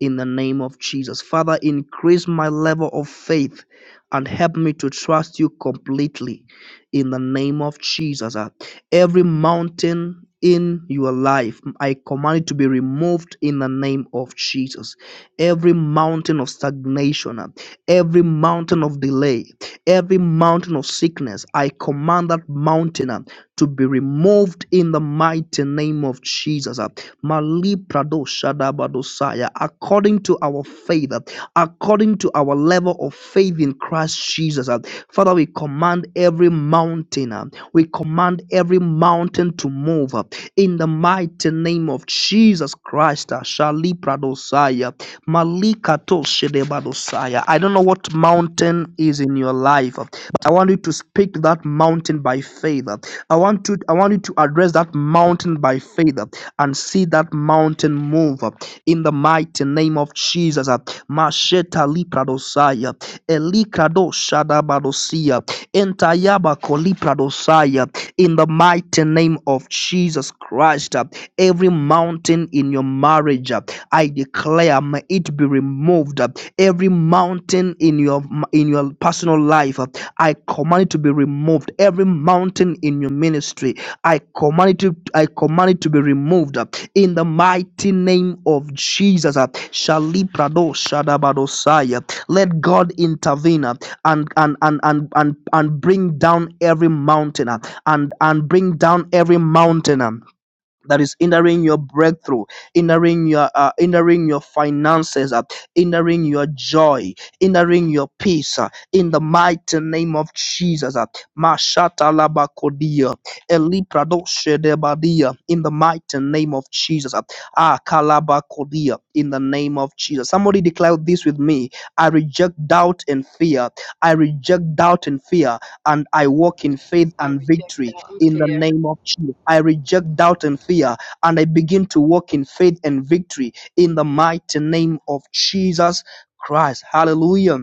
B: in the name of Jesus. Father, increase my level of faith and help me to trust you completely in the name of Jesus. uh, Every mountain in your life, I command it to be removed in the name of Jesus. Every mountain of stagnation, uh, every mountain of delay, every mountain of sickness, I command that mountain uh, to be removed in the mighty name of Jesus. uh, Malipradoshadabadosaya, According to our faith, uh, according to our our level of faith in Christ Jesus. uh. Father, we command every mountain, uh, we command every mountain to move uh, in the mighty name of Jesus Christ. uh, Shalipradosaya, Malikatoshedebadosaya. I don't know what mountain is in your life, uh, but I want you to speak to that mountain by faith. uh. I want to I want you to address that mountain by faith uh, and see that mountain move uh, in the mighty name of Jesus. uh, Masheta lipradosaya, elikradoshadabadosia, entayabakolipradosia, In the mighty name of Jesus Christ, uh, every mountain in your marriage, uh, I declare, may it be removed. uh, Every mountain in your in your personal life, uh, I command it to be removed. Every mountain in your ministry, I command it to I command it to be removed in the mighty name of Jesus. uh, Shaliprado Shadabadosaya. Let God intervene uh, and and and and and, and bring down every mountain uh, and and bring down every mountain. um, that is hindering your breakthrough, hindering your uh, hindering your finances, uh, hindering your joy, hindering your peace. uh, in the mighty name of Jesus, uh, Mashata Labakodia, Elipradosedebadia, in the mighty name of Jesus, uh, Ah Kalabakodia, in the name of Jesus. Somebody declare this with me. I reject doubt and fear. I reject doubt and fear, and I walk in faith
A: I
B: and
A: reject
B: victory
A: doubt and
B: in the
A: fear.
B: name of Jesus. I reject doubt and fear and I begin to walk in faith and victory in the mighty name of Jesus Christ. Hallelujah.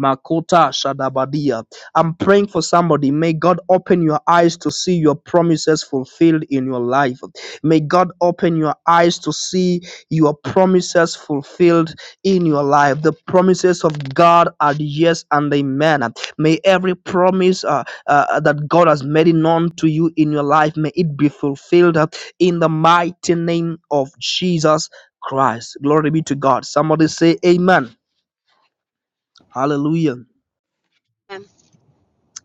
B: Makota Shadabadia. I'm praying for somebody. May God open your eyes to see your promises fulfilled in your life. May God open your eyes to see your promises fulfilled in your life. The promises of God are yes and amen. May every promise uh, uh, that God has made known to you in your life, may it be fulfilled uh, in the mighty name of Jesus Christ. Glory be to God. Somebody say amen. Hallelujah.
A: Amen.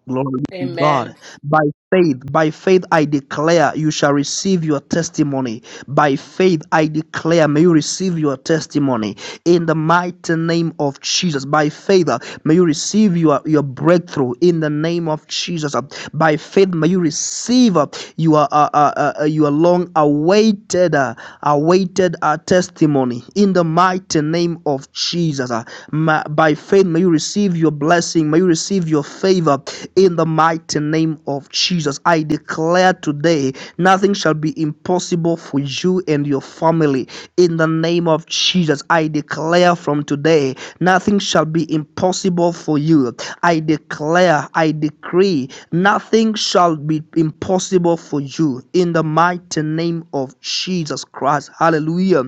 B: Glory to
C: Amen.
B: God. By faith, by faith, I declare you shall receive your testimony. By faith, I declare may you receive your testimony in the mighty name of Jesus. By faith, uh, may you receive your, your breakthrough in the name of Jesus. Uh, By faith, may you receive. uh, you are uh, uh, uh, uh, you are long awaited, uh, awaited a uh, testimony in the mighty name of Jesus. uh. Ma- by faith, may you receive your blessing, may you receive your favor in the mighty name of Jesus. I declare today, nothing shall be impossible impossible for you and your family. In the name of Jesus, I declare from today, nothing shall be impossible for you. I declare, I decree, nothing shall be impossible for you. In the mighty name of Jesus Christ. Hallelujah.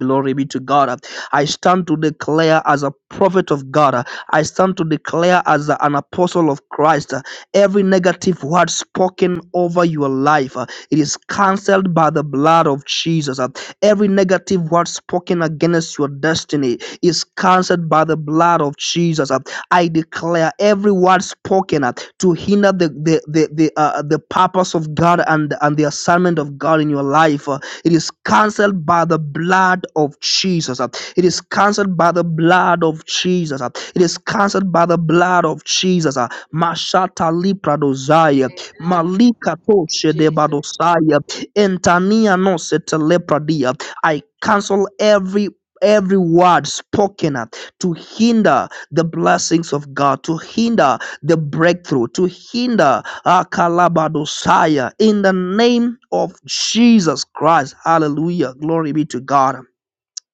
B: Glory be to God. I stand to declare as a prophet of God. I stand to declare as an apostle of Christ. Every negative word spoken over your life, it is cancelled by the blood of Jesus. Every negative word spoken against your destiny is cancelled by the blood of Jesus. I declare every word spoken to hinder the the the the, uh, the purpose of God and and the assignment of God in your life. It is cancelled by the blood of Jesus. It is cancelled by the blood of Jesus. It is cancelled by the blood of Jesus. Mashata lipradozaya,
A: Amen.
B: malika
A: Thank you,
B: toshe
A: Jesus.
B: debadosaya, entania no setelepradia. I cancel every every word spoken uh, to hinder the blessings of God, to hinder the breakthrough, to hinder Akalabadosaya. In the name of Jesus Christ. Hallelujah. Glory be to God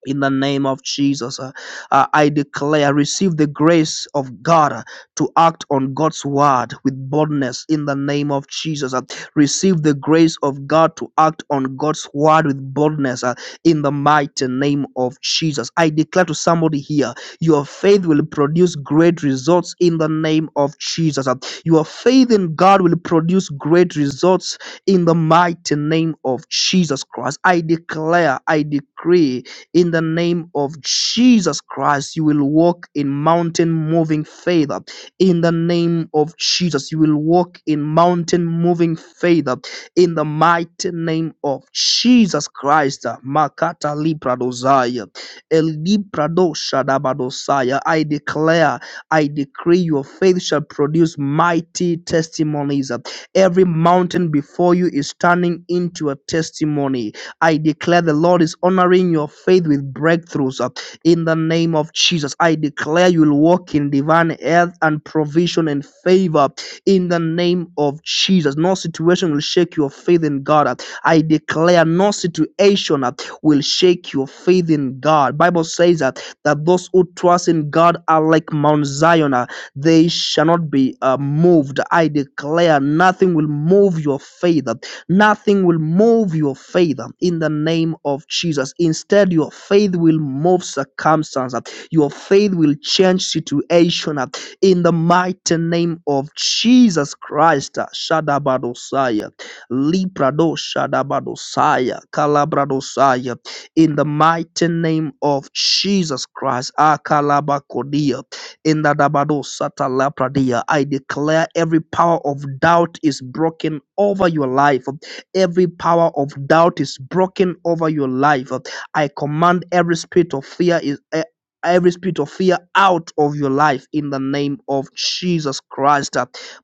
B: in the name of Jesus. Uh, uh, I declare, receive the grace of God uh, to act on God's word with boldness in the name of Jesus. Uh, receive the grace of God to act on God's word with boldness uh, in the mighty name of Jesus. I declare to somebody here, your faith will produce great results in the name of Jesus. Uh, your faith in God will produce great results in the mighty name of Jesus Christ. I declare, I decree in the name of Jesus Christ, you will walk in mountain moving favor. In the name of Jesus, you will walk in mountain moving favor. In the mighty name of Jesus Christ, Makata Lipradosaya, Elipradoshadabadosaya, I declare, I decree your faith shall produce mighty testimonies. Every mountain before you is turning into a testimony I declare the Lord is honoring your faith with breakthroughs uh, in the name of Jesus. I declare you'll walk in divine health and provision and favor in the name of Jesus. No situation will shake your faith in God. uh. I declare no situation uh, will shake your faith in God. Bible says that, that those who trust in God are like Mount Zion. uh, They shall not be uh, moved. I declare nothing will move your faith. uh, Nothing will move your faith um, in the name of Jesus. Instead, your faith will move circumstances. Your faith will change situation uh, in the mighty name of Jesus Christ. uh, Shadabadosaya, Librado Shadabadosaya, Calabradosaya, in the mighty name of Jesus Christ. Akalabakodia, in the Dabadosatalapradia. I declare every power of doubt is broken over your life. Every power of doubt is broken over your life. I command every spirit of fear is eh, every spirit of fear out of your life in the name of Jesus Christ.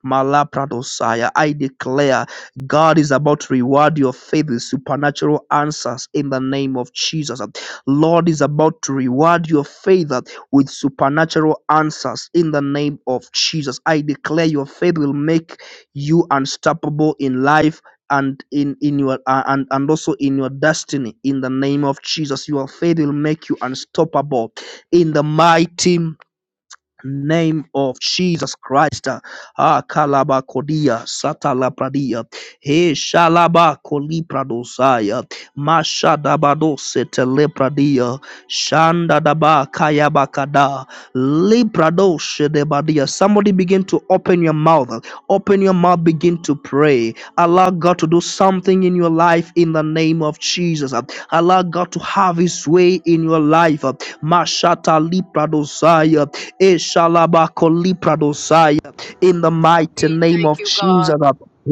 B: Malapradosaya. I declare God is about to reward your faith with supernatural answers in the name of Jesus. Lord is about to reward your faith with supernatural answers in the name of Jesus. I declare your faith will make you unstoppable in life and in in your uh, and and also in your destiny in the name of jesus your faith will make you unstoppable in the mighty name of Jesus Christ. Ah, kalaba kodia, satala pradia, he shalaba koli pradosaya, masha dabado setele pradia, shanda daba kayaba kada, lipradoshe debadia. Somebody begin to open your mouth. Open your mouth, begin to pray. Allow God to do something in your life in the name of Jesus. Allow God to have his way in your life. Mashata lipradosaya, Eshalabakolipradosaya. In the mighty
A: We
B: name
A: thank
B: of
A: you, God.
B: Jesus.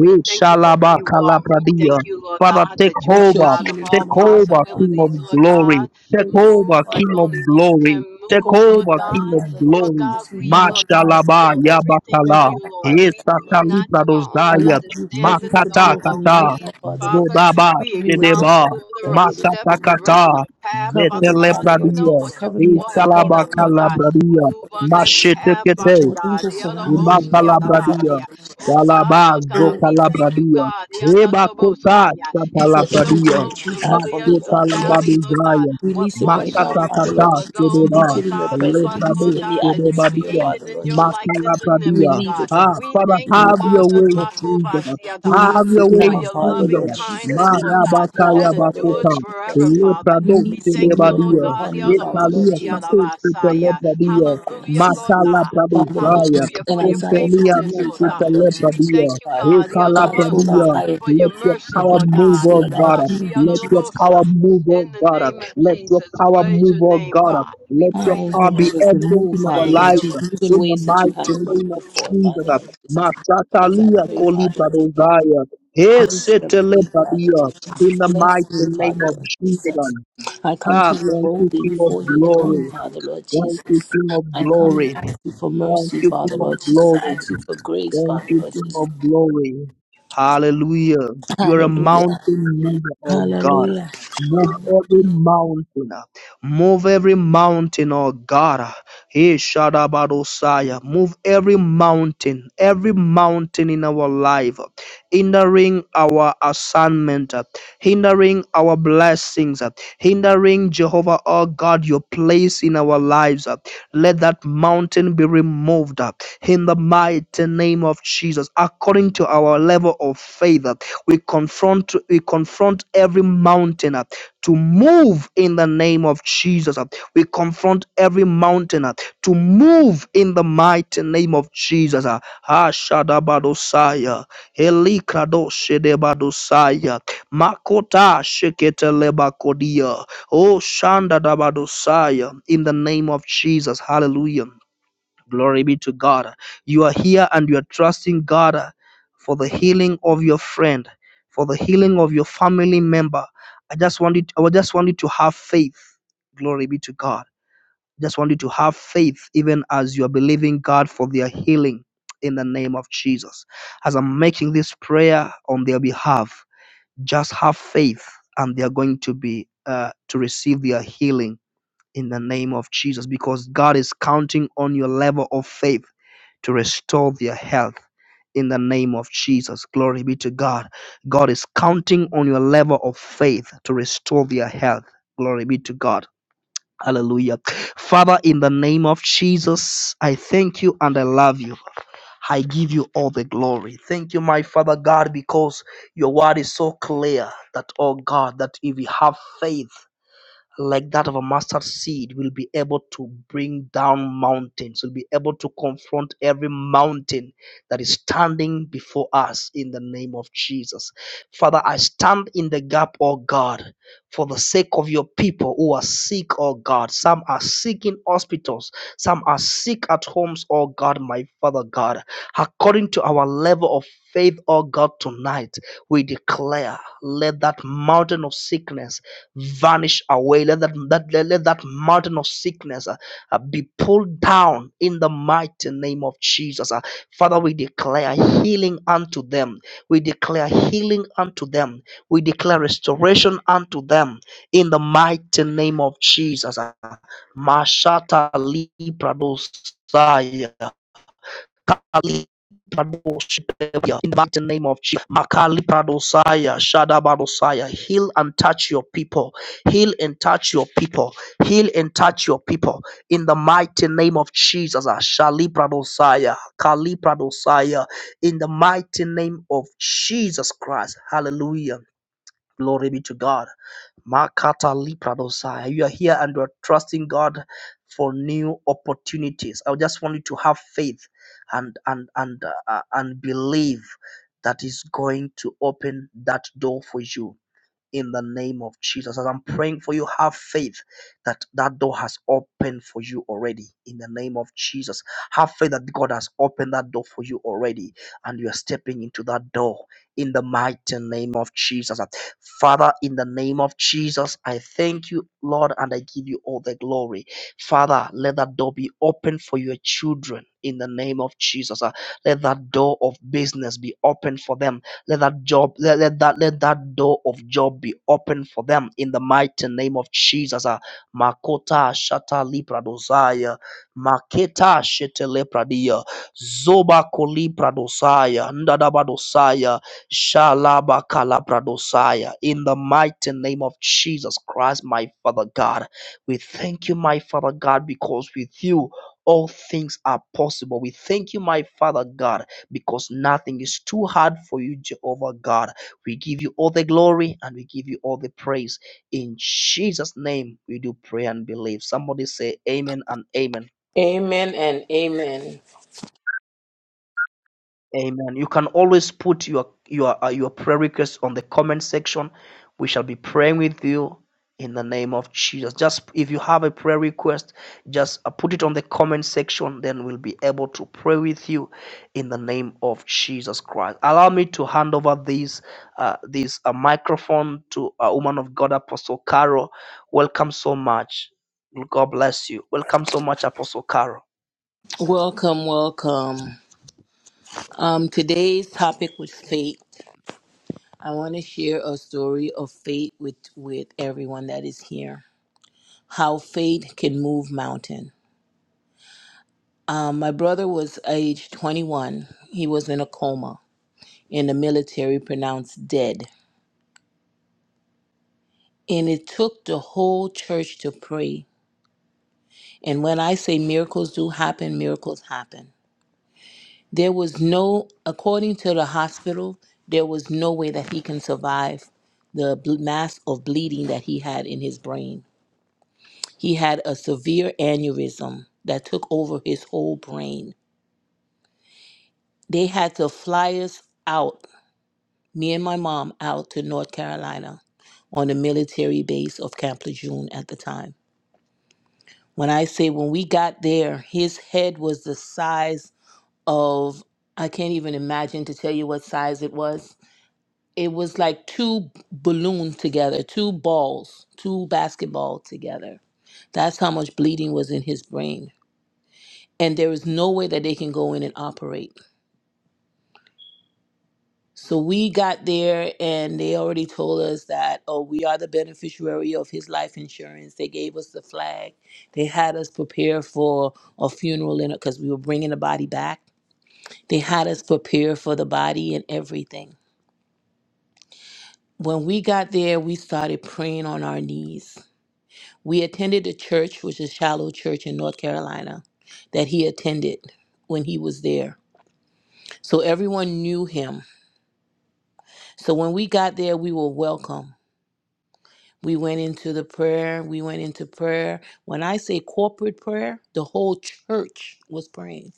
A: We thank you for who you are. We thank you, Lord
B: Father,
A: God,
B: take
A: that you are
C: Let
A: the
C: your
B: over.
A: God of
C: healing
A: all
C: come
B: Take
C: upon me,
B: over,
C: Father,
B: King of
A: possibilities,
C: Lord
A: Lord
C: Jesus.
B: glory.
A: God.
C: Pray
B: Take
C: this,
A: Move
B: over,
C: Father,
A: like
B: King
C: Lord
B: of
A: only
C: Jesus.
A: you can
B: glory.
C: Take
B: Take
A: move,
C: over
A: Lord
C: my
B: over,
C: body,
B: King
A: God.
B: of
C: Father, Lord
A: Lord
B: glory.
A: God,
C: Jesus.
A: we,
C: Renew my
A: Lord God,
C: mind, Father,
B: Mashalaba
A: yield
C: Lord Jesus.
A: everything to
C: Strengthen
B: Yabakala.
A: you,
C: my
A: Lord.
C: heart,
A: We
C: Father, Lord.
A: lean not to our own
C: Allow
B: Esakalipadosaya.
C: your presence
A: understanding in
C: to be
B: Makata
A: all
C: over
A: our
C: me
B: kata.
C: right now,
A: ways,
C: Father, Lord
A: Father.
C: Jesus.
B: Zodaba
A: We
C: Cover me with your
A: acknowledge
B: Shedeba.
C: presence.
A: whether
C: that
A: our
C: there is
B: Makata
A: steps
C: good and
A: direct
C: true.
B: kata.
A: our path,
C: Cover
A: Father
C: me,
A: God.
C: Father,
A: You
C: Lord
A: know
B: Zetelepradia.
C: Jesus.
A: what your
C: Cover me
A: people
C: as
A: have
C: I call
A: need
C: on
A: of,
C: you,
A: Lord
C: this
A: God.
C: morning,
B: Ikalabakalabradia.
C: Father,
A: Move
C: Lord
A: on their
C: Jesus.
A: behalf,
B: Mashetekete.
C: Let
A: Father
C: your
A: God.
C: angels surround
B: Eba
C: me right now,
B: calabradia.
C: Father,
A: Yellow Oh God,
B: Calabas
A: Lord
B: do
A: God,
C: Lord
A: we
C: Jesus.
A: thank you,
B: calabradia.
A: God.
B: Eba cota
A: Yadalabosaya. If
C: for
A: you so
B: chatalabradia.
C: everything
A: clothe
C: that you
A: the
C: have
A: lily
C: for
A: of
C: me,
A: the
B: Makota
C: Father, Lord
A: valley, Lord
C: Jesus.
A: God,
B: lababizaya.
A: what
C: Release it
A: more
C: right
A: shall
C: now,
A: you
C: Father,
A: do
C: Lord
B: Makatatata
A: for
C: Jesus.
A: those,
C: Release
B: sedeba.
A: Lord
C: it in your
A: God, of
C: presence.
A: us,
C: Release
A: Lord
C: it
B: Leprabe
C: in the
A: God, that you
C: atmosphere,
B: sedebadia.
A: created
C: Father,
A: in
C: Lord
A: your
C: Jesus.
A: likeness and image,
B: Makalabradia.
C: Relieve
A: God?
C: it,
B: Ah,
C: Father.
A: We
B: Father,
A: thank you,
B: have your
C: Release
A: Father,
B: way, Jesus.
A: Makovasiadaba,
B: Have your
C: it
B: way,
A: for
C: now,
A: your
C: Father,
A: loving
B: Jesus.
C: Lord Jesus.
A: kindness, Lord
C: Release
A: God,
C: it now,
A: that
B: Marabakaya
C: Father, Lord
A: endures
B: bakota.
A: forever,
C: Jesus.
A: Father.
B: Leprado
A: We
C: Release your
A: thank you, Lord
C: miracle
B: sedebadia.
A: God,
C: upon me, Father, Lord
B: Retalia
C: Jesus.
B: kato sete
A: Yadamosiadabasaya.
B: lepradia.
A: Hallelujah, Lord
B: Matala
A: God.
C: Father, Lord
B: Prabhupada,
C: Jesus.
A: Hallelujah,
C: And
A: for your
C: Isaiah
B: Intemia
A: faithfulness,
C: 53,
A: Lord God.
C: Father,
B: Mesita
C: Lord
A: We
C: Jesus,
B: Lepradia,
C: verse
A: thank you,
C: 5.
A: God,
B: Ekala
C: God's full
A: Yalabosa,
B: Pradia,
C: Isaiah
A: for your
B: let your
A: mercy,
C: of the
B: power
A: Lord
B: move,
A: God.
C: prophecy
B: oh
C: about
B: God.
A: Mercy,
C: you,
B: Let your
C: Jesus
A: Yalabosa.
B: power
C: Christ.
B: move,
A: In
B: oh
A: the
B: God.
A: name of
B: Let your
A: Jesus,
B: power
A: praise
B: move,
A: your
B: oh
A: name,
B: God.
A: God. We
B: Let
C: I
B: your
A: praise
C: thank
A: you,
B: power
C: you
B: be
A: Lord.
C: Lord, for the
B: evident
C: move,
B: in our
C: Father
A: Thank
C: Lord
B: life.
A: you,
C: Jesus,
A: Lord.
C: move in
B: In the
C: ways that
B: mighty
C: you haven't
B: name
C: moved
B: of
C: before,
B: Jesus,
C: Father Lord Jesus. As I
B: Matatalia
C: pray,
B: Koli
C: Father Lord Jesus,
B: Prabhupada, Esita
C: worship me, Father
B: Lepradia,
C: Lord
B: in
C: Jesus,
B: the mighty
C: bless me,
B: name
C: Father
B: of
C: Lord
B: Jesus.
C: Jesus. I come
B: Ah,
C: to you
B: thank you,
C: boldly
B: King of
C: before your
B: Glory.
C: throne, Father Lord
B: Thank you,
C: Jesus.
B: King of
C: I come and
B: Glory.
C: ask you for
B: Thank
C: mercy,
B: you,
C: Father
B: King of
C: Lord Jesus. I
B: Glory.
C: ask you for grace,
B: Thank
C: Father
B: you,
C: Lord
B: King
C: Jesus.
B: of Glory. Hallelujah. You are a mountain
C: Hallelujah.
B: mover, oh God.
C: Hallelujah.
B: Move every
C: Hallelujah.
B: mountain. Move every mountain, oh God. Hey, Shadabadosaya. Move every mountain, every mountain in our life hindering our assignment, uh, hindering our blessings, uh, hindering Jehovah, oh God, your place in our lives. uh, Let that mountain be removed uh, in the mighty name of Jesus. According to our level of faith, uh, we confront we confront every mountain uh, to move move in the name of Jesus. We confront every mountain to move in the mighty name of Jesus. Ashadabadosaya, Elikradoshedebadosia, Makota Sheketelebakodia, O Shandadabadosaya, in the name of Jesus. Hallelujah. Glory be to God. You are here and you are trusting God uh, for the healing of your friend, for the healing of your family member. I just wanted, I just want you to have faith. Glory be to God. I just want you to have faith, even as you are believing God for their healing in the name of Jesus. As I'm making this prayer on their behalf, just have faith and they are going to be uh, to receive their healing in the name of Jesus because God is counting on your level of faith to restore their health in the name of Jesus. Glory be to God. God is counting on your level of faith to restore their health. Glory be to God. Hallelujah. Father, in the name of Jesus, I thank you and I love you. I give you all the glory. Thank you, my Father God, because your word is so clear that, oh God, that if we have faith, like that of a mustard seed will be able to bring down mountains will be able to confront every mountain that is standing before us in the name of jesus father i stand in the gap oh god for the sake of your people who are sick oh god some are sick in hospitals some are sick at homes oh god my father god according to our level of faith oh god tonight we declare let that mountain of sickness vanish away. Let that, that let, that mountain of sickness uh, uh, be pulled down in the mighty name of Jesus. uh. Father, we declare healing unto them. We declare healing unto them. We declare restoration unto them in the mighty name of Jesus. uh. Mashata Libra Kali In the mighty name of Jesus, Makali Pradosaya, Shadabadosaya, heal and touch your people, heal and touch your people, heal and touch your people. In the mighty name of Jesus, ah, Shali Pradosaya, Kali Pradosaya, in the mighty name of Jesus Christ, hallelujah. Glory be to God. Makata Lipradosai. You are here and you are trusting God for new opportunities. I just want you to have faith and and and uh, and believe that is going to open that door for you in the name of Jesus. As I'm praying for you, have faith that that door has opened for you already in the name of Jesus. Have faith that God has opened that door for you already and you are stepping into that door in the mighty name of Jesus. Father, in the name of Jesus, I thank you, Lord, and I give you all the glory. Father, let that door be open for your children in the name of Jesus. Uh, Let that door of business be open for them let that job, let, let that let that door of job be open for them in the mighty name of Jesus. Ah, Makota shata lipradosaya, maketa shete lepradia, zoba kolipradosaya, ndadabadosaya, shalaba kalapradosaya. In the mighty name of Jesus Christ, my Father God, we thank you, my Father God, because with you all things are possible. We thank you, my Father God because nothing is too hard for you, Jehovah God. We give you all the glory and we give you all the praise. In Jesus' name, we do pray and believe. Somebody say amen and amen.
C: Amen and amen.
B: Amen. You can always put your your uh, your prayer requests on the comment section. We shall be praying with you in the name of Jesus. Just if you have a prayer request, just uh, put it on the comment section. Then we'll be able to pray with you in the name of Jesus Christ. Allow me to hand over this uh, this uh, microphone to a woman of God, Apostle Carol. Welcome so much. God bless you. Welcome so much, Apostle Carol.
C: Welcome, welcome. Um, today's topic was fate. I want to share a story of fate with with everyone that is here. How fate can move mountain. Um, my brother was age 21. He was in a coma, In the military pronounced dead. And it took the whole church to pray. And when I say miracles do happen, miracles happen There was no, according to the hospital, there was no way that he can survive the ble- mass of bleeding that he had in his brain. He had a severe aneurysm that took over his whole brain. They had to fly us out, me and my mom, out to North Carolina on the military base of Camp Lejeune at the time. When I say when we got there, his head was the size of, I can't even imagine to tell you what size it was it was like two balloons together, two balls, two basketball together. That's how much bleeding was in his brain. And there was no way that they can go in and operate. So we got there and they already told us that, oh, we are the beneficiary of his life insurance. They gave us the flag. They had us prepare for a funeral because we were bringing the body back. They had us prepare for the body and everything. When we got there, we started praying on our knees We attended a church, which is Shiloh Church in North Carolina, that he attended when he was there. So everyone knew him. So when we got there, we were welcome. We went into the prayer. We went into prayer. When I say corporate prayer, the whole church was praying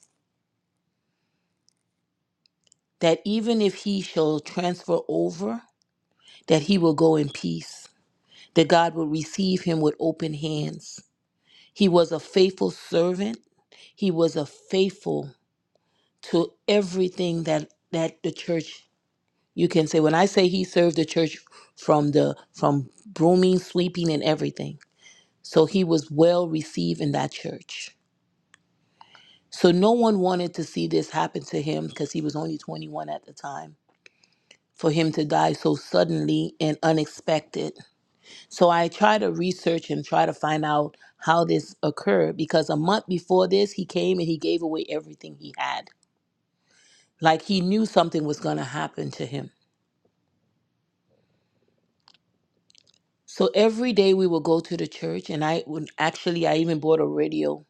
C: that even if he shall transfer over, that he will go in peace, that God will receive him with open hands. He was a faithful servant. He was a faithful to everything that that the church you can say when i say he served the church from the from brooming sweeping and everything so he was well received in that church so no one wanted to see this happen to him because he was only 21 at the time for him to die so suddenly and unexpected so i try to research and try to find out how this occurred because a month before this he came and he gave away everything he had like he knew something was going to happen to him So every day we would go to the church, and I would actually, I even bought a radio.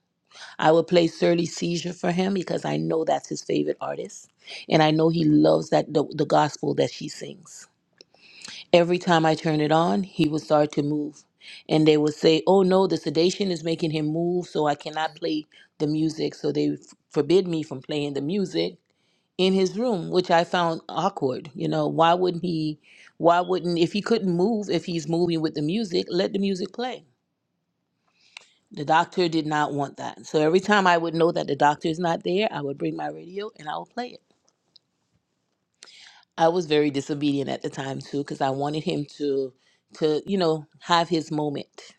C: I would play Surly Seizure for him because I know that's his favorite artist, and I know he loves that the, the gospel that she sings. Every time I turn it on, he would start to move, and they would say, "Oh no, the sedation is making him move, so I cannot play the music." So they f- forbid me from playing the music, in his room, which I found awkward. You know, why wouldn't he? Why wouldn't if he couldn't move? If he's moving with the music, let the music play. The doctor did not want that. So every time I would know that the doctor is not there, I would bring my radio and I would play it. I was very disobedient at the time too, because I wanted him to to you know have his moment.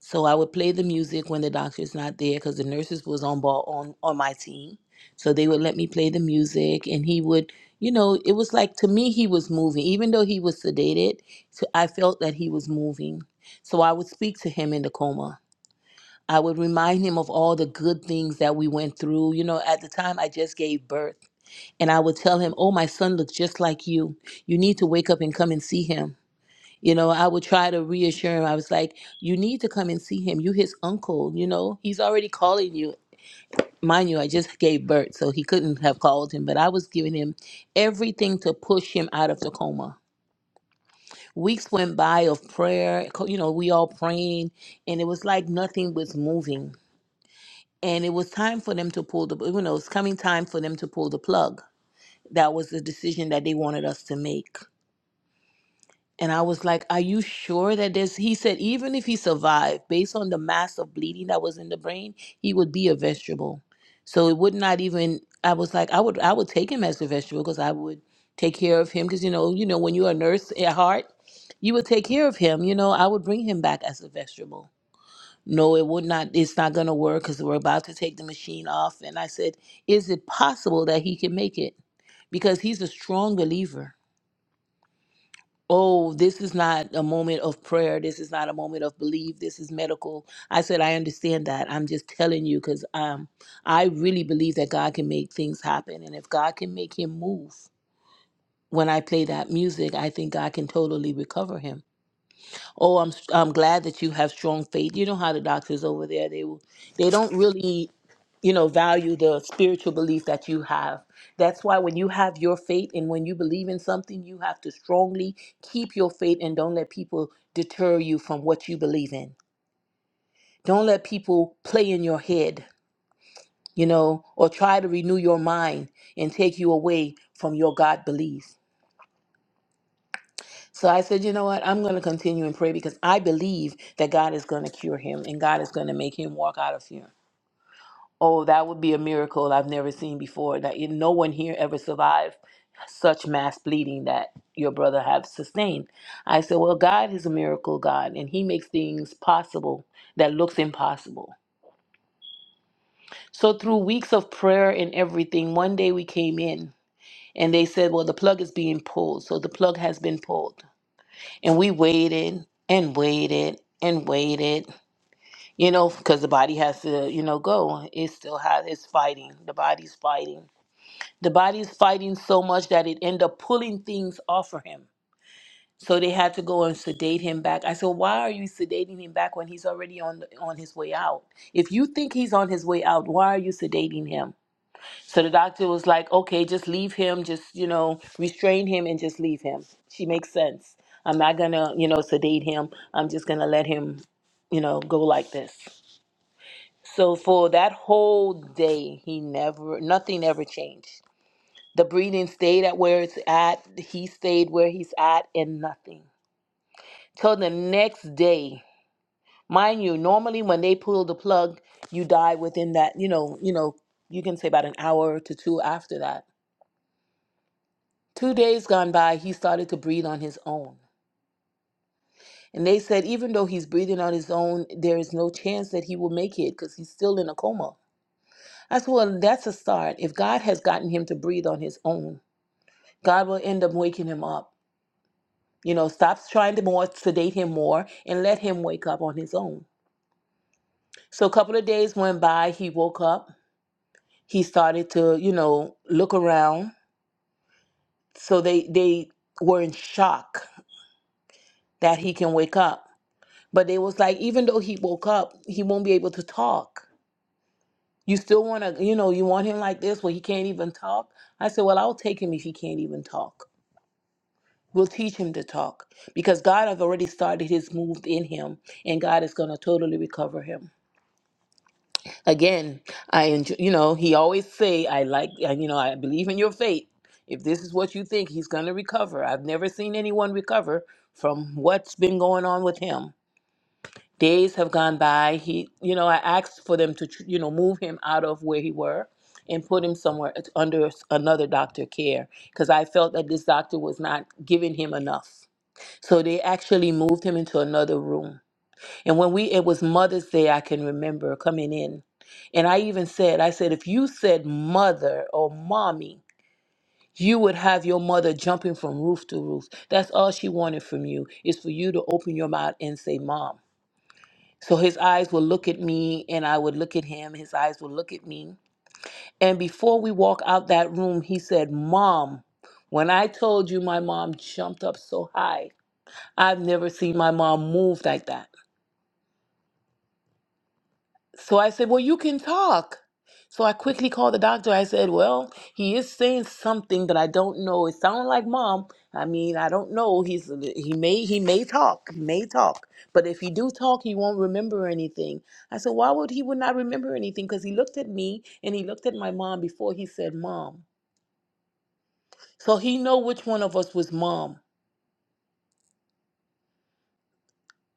C: So I would play the music when the doctor's not there because the nurses was on ball on on my team. So they would let me play the music, and he would, you know, it was like to me he was moving, even though he was sedated. So I felt that he was moving. So I would speak to him in the coma. I would remind him of all the good things that we went through. You know, at the time I just gave birth, and I would tell him, "Oh, my son looks just like you. You need to wake up and come and see him." You know, I would try to reassure him. I was like, you need to come and see him. You his uncle, you know. He's already calling you. Mind you, I just gave birth, so he couldn't have called him, but I was giving him everything to push him out of the coma. Weeks went by of prayer, co- you know, we all praying, and it was like nothing was moving. And it was time for them to pull the, you know, it's coming time for them to pull the plug. That was the decision that they wanted us to make. And I was like, Are you sure that this? He said, Even if he survived, based on the mass of bleeding that was in the brain, he would be a vegetable. So it would not even, I was like, I would, I would take him as a vegetable because I would take care of him. Because, you know, you know, when you're a nurse at heart, you would take care of him. You know, I would bring him back as a vegetable. No, it would not, it's not going to work because we're about to take the machine off. And I said, Is it possible that he can make it? Because he's a strong believer oh, this is not a moment of prayer. This is not a moment of belief. This is medical. I said, I understand that. I'm just telling you because um, I really believe that God can make things happen. And if God can make him move when I play that music, I think God can totally recover him Oh, I'm s- I'm glad that you have strong faith. You know how the doctors over there they will- they don't really you know value the spiritual belief that you have. That's why when you have your faith and when you believe in something, you have to strongly keep your faith and don't let people deter you from what you believe in. Don't let people play in your head, you know, or try to renew your mind and take you away from your God belief. So I said, you know what? I'm going to continue and pray because I believe that God is going to cure him and God is going to make him walk out of here. Oh, that would be a miracle I've never seen before. That you- no one here ever survived such mass bleeding that your brother have sustained. I said, well, God is a miracle God, and He makes things possible that looks impossible. So through weeks of prayer and everything, one day we came in and they said, well, the plug is being pulled. So the plug has been pulled. and we waited and waited and waited you know because the body has to you know go it still has it's fighting the body's fighting the body's fighting so much that it end up pulling things off of him so they had to go and sedate him back i said why are you sedating him back when he's already on on his way out if you think he's on his way out why are you sedating him so the doctor was like, okay, just leave him, just, you know, restrain him and just leave him. She makes sense. I'm not going to, you know, sedate him. I'm just going to let him, you know, go like this. So for that whole day, he never, nothing ever changed. The breathing stayed at where it's at. He stayed where he's at and nothing. Till the next day. Mind you, normally when they pull the plug, you die within that, you know, you know, you can say about an hour to two after that Two days gone by, he started to breathe on his own. And they said, even though he's breathing on his own, there is no chance that he will make it because he's still in a coma. I said, well, that's a start. If God has gotten him to breathe on his own, God will end up waking him up. You know, stop trying to more sedate him more and let him wake up on his own. So a couple of days went by. He woke up. He started to, you know, look around. So they they were in shock that he can wake up. But it was like, even though he woke up, he won't be able to talk. You still want to, you know, you want him like this where he can't even talk? I said, well, I'll take him if he can't even talk. We'll teach him to talk because God has already started his move in him and God is going to totally recover him. Again, I enjoy, you know, he always say, I like, uh, you know, I believe in your faith. If this is what you think, he's going to recover. I've never seen anyone recover from what's been going on with him days have gone by he you know i asked for them to tr- you know move him out of where he were and put him somewhere it's under s- another doctor care because i felt that this doctor was not giving him enough so they actually moved him into another room and when we it was mother's day i can remember coming in and i even said i said if you said mother or mommy you would have your mother jumping from roof to roof that's all she wanted from you is for you to open your mouth and say mom so his eyes would look at me and I would look at him. His eyes would look at me. And before we walk out that room, he said, Mom, when I told you my mom jumped up so high, I've never seen my mom move like that. So I said, Well, you can talk. So I quickly called the doctor. I said, Well, he is saying something that I don't know. It sounds like mom. I mean, I don't know. He's he may he may talk. He may talk. But if he do talk, he won't remember anything. I said, Why would he would not remember anything? Because he looked at me and he looked at my mom before he said mom. So he know which one of us was mom.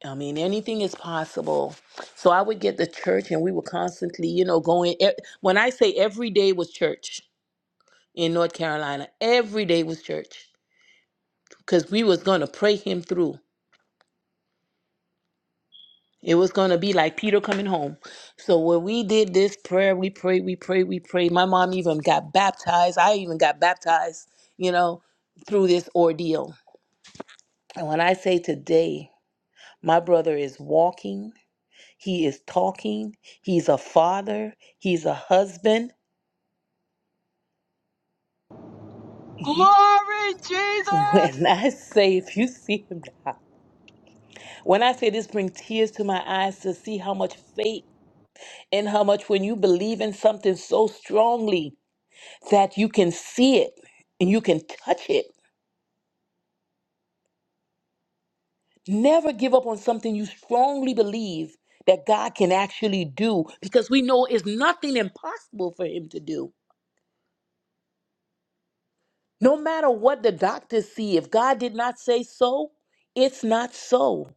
C: I mean, anything is possible. So I would get the church and we were constantly, you know, going. e- When I say every day was church in North Carolina, every day was church because we was going to pray him through. It was going to be like Peter coming home. So when we did this prayer, we prayed, we prayed, we prayed. My mom even got baptized. I even got baptized, you know, through this ordeal. And when I say today, my brother is walking, he is talking, he's a father, he's a husband. You,
A: Glory,
C: <laughs> when
A: Jesus!
C: I say, if you see him now, when I say this brings tears to my eyes to see how much faith and how much when you believe in something so strongly that you can see it and you can touch it. Never give up on something you strongly believe that God can actually do because we know it's nothing impossible for Him to do. No matter what the doctors see, if God did not say so, it's not so.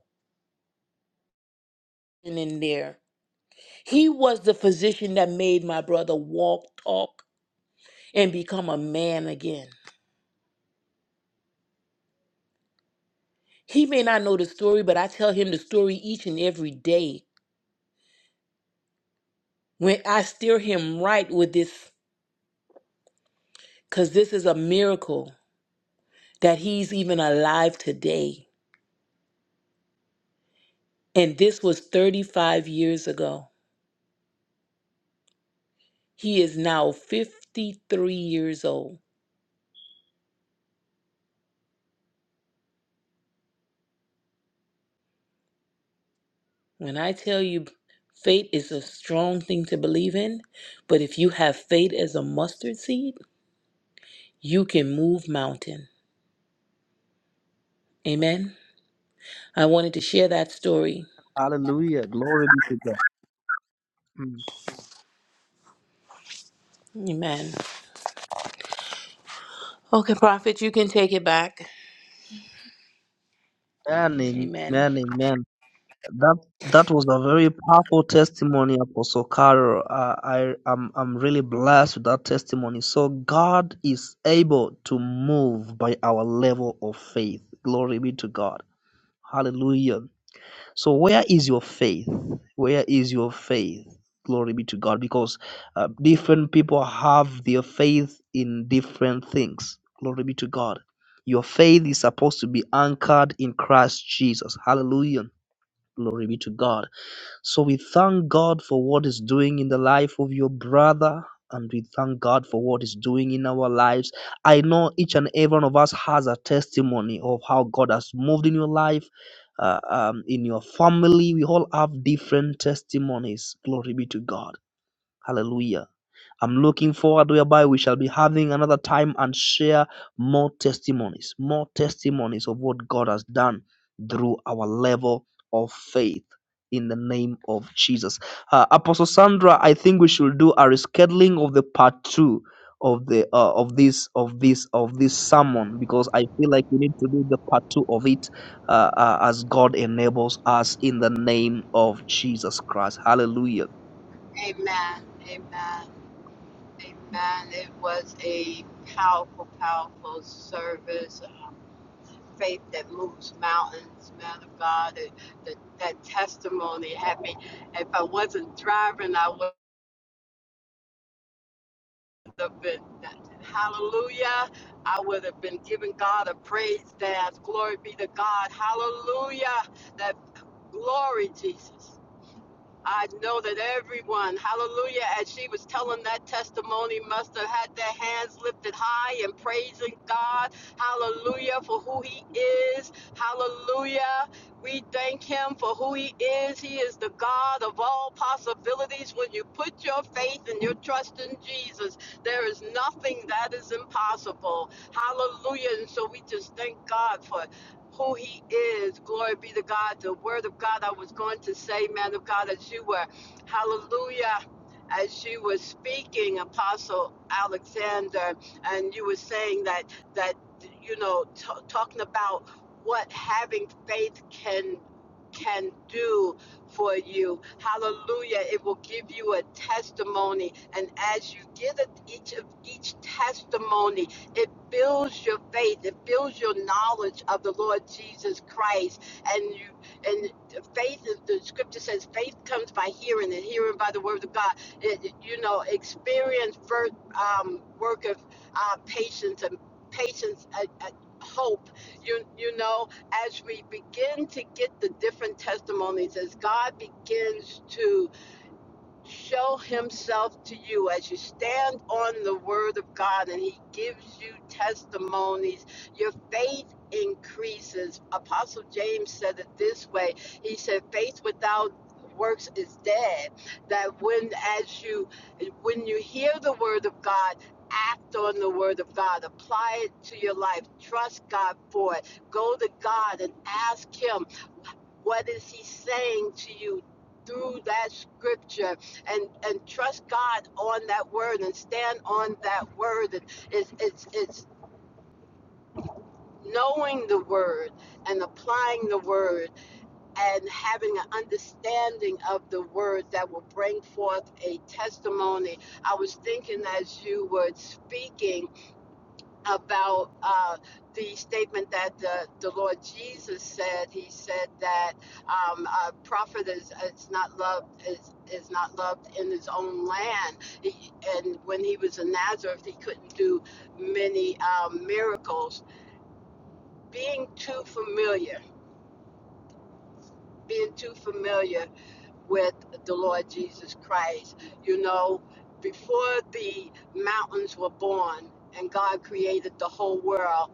C: And in there, He was the physician that made my brother walk, talk, and become a man again. He may not know the story, but I tell him the story each and every day when I steer him right with this because this is a miracle that he's even alive today. And this was 35 years ago. He is now 53 years old. When I tell you fate is a strong thing to believe in, but if you have faith as a mustard seed, you can move mountain. Amen. I wanted to share that story.
B: Hallelujah. Glory be to God. Mm.
C: Amen. Okay, prophet, you can take it back.
B: Amen,
C: Amen.
B: amen, amen. That that was a very powerful testimony, Apostle Carol. Uh, I I'm I'm really blessed with that testimony. So God is able to move by our level of faith. Glory be to God. Hallelujah. So, where is your faith? Where is your faith? Glory be to God, because uh, different people have their faith in different things. Glory be to God. Your faith is supposed to be anchored in Christ Jesus. Hallelujah. Glory be to God. So we thank God for what is doing in the life of your brother. And we thank God for what is doing in our lives. I know each and every one of us has a testimony of how God has moved in your life, uh, um, in your family. We all have different testimonies. Glory be to God. Hallelujah. I'm looking forward whereby we shall be having another time and share more testimonies, more testimonies of what God has done through our level of faith in the name of Jesus. Uh, Apostle Sandra, I think we should do a rescheduling of the part 2 of the uh, of this of this of this sermon because I feel like we need to do the part 2 of it uh, uh, as God enables us in the name of Jesus Christ. Hallelujah.
A: Amen, amen, amen. It was a powerful, powerful service, faith that moves mountains, man of God. It, that, that testimony had me. If I wasn't driving, I would. have been hallelujah i would have been giving god a praise dance glory be to god hallelujah that glory jesus I know that everyone, hallelujah, as she was telling that testimony, must have had their hands lifted high and praising God, hallelujah, for who He is, hallelujah. We thank Him for who He is. He is the God of all possibilities. When you put your faith and your trust in Jesus, there is nothing that is impossible, hallelujah. And so we just thank God for who he is. Glory be to God. The word of God I was going to say, man of God, as you were, hallelujah, as you were speaking, Apostle Alexander, and you were saying that, that you know, t- talking about what having faith can can do for you. Hallelujah. It will give you a testimony. And as you give it each of each testimony, it builds your faith it builds your knowledge of the lord jesus christ and you and faith is the scripture says faith comes by hearing and hearing by the word of god it, it- you know experience first um, work of uh, patience and patience uh, uh, hope you you know as we begin to get the different testimonies as god begins show himself to you as you stand on the word of God and he gives you testimonies. Your faith increases. Apostle James said it this way He said, faith without works is dead that when as you when you hear the word of god act on the word of god apply it to your life trust god for it go to god and ask him what is he saying to you through that scripture and and trust god on that word and stand on that word and it's it's it's knowing the word and applying the word and having an understanding of the word that will bring forth a testimony i was thinking as you were speaking about uh, the statement that the, the Lord Jesus said. He said that um, a prophet is, is not loved is, is not loved in his own land. He, and when he was in Nazareth, he couldn't do many um, miracles. Being too familiar, being too familiar with the Lord Jesus Christ, you know, before the mountains were born and God created the whole world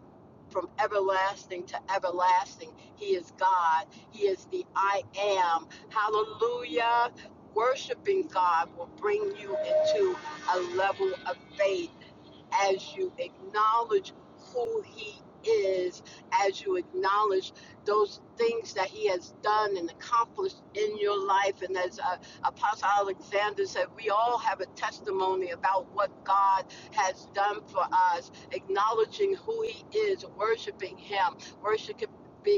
A: from everlasting to everlasting. He is God. He is the I am. Hallelujah. Worshiping God will bring you into a level of faith as you acknowledge who he is, as you acknowledge those things that he has done and accomplished in your life. And as uh, Apostle Alexander said, we all have a testimony about what God has done for us, acknowledging who he is, worshiping him, worshiping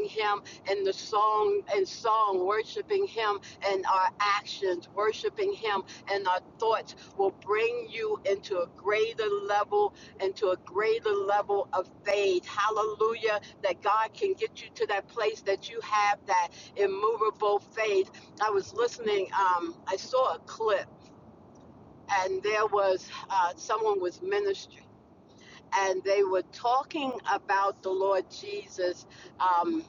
A: him in the song and song worshiping him in our actions worshiping him in our thoughts will bring you into a greater level, into a greater level of faith. Hallelujah. That God can get you to that place that you have that immovable faith. I was listening, um, I saw a clip, and there was uh, someone was ministering, and they were talking about the Lord Jesus um,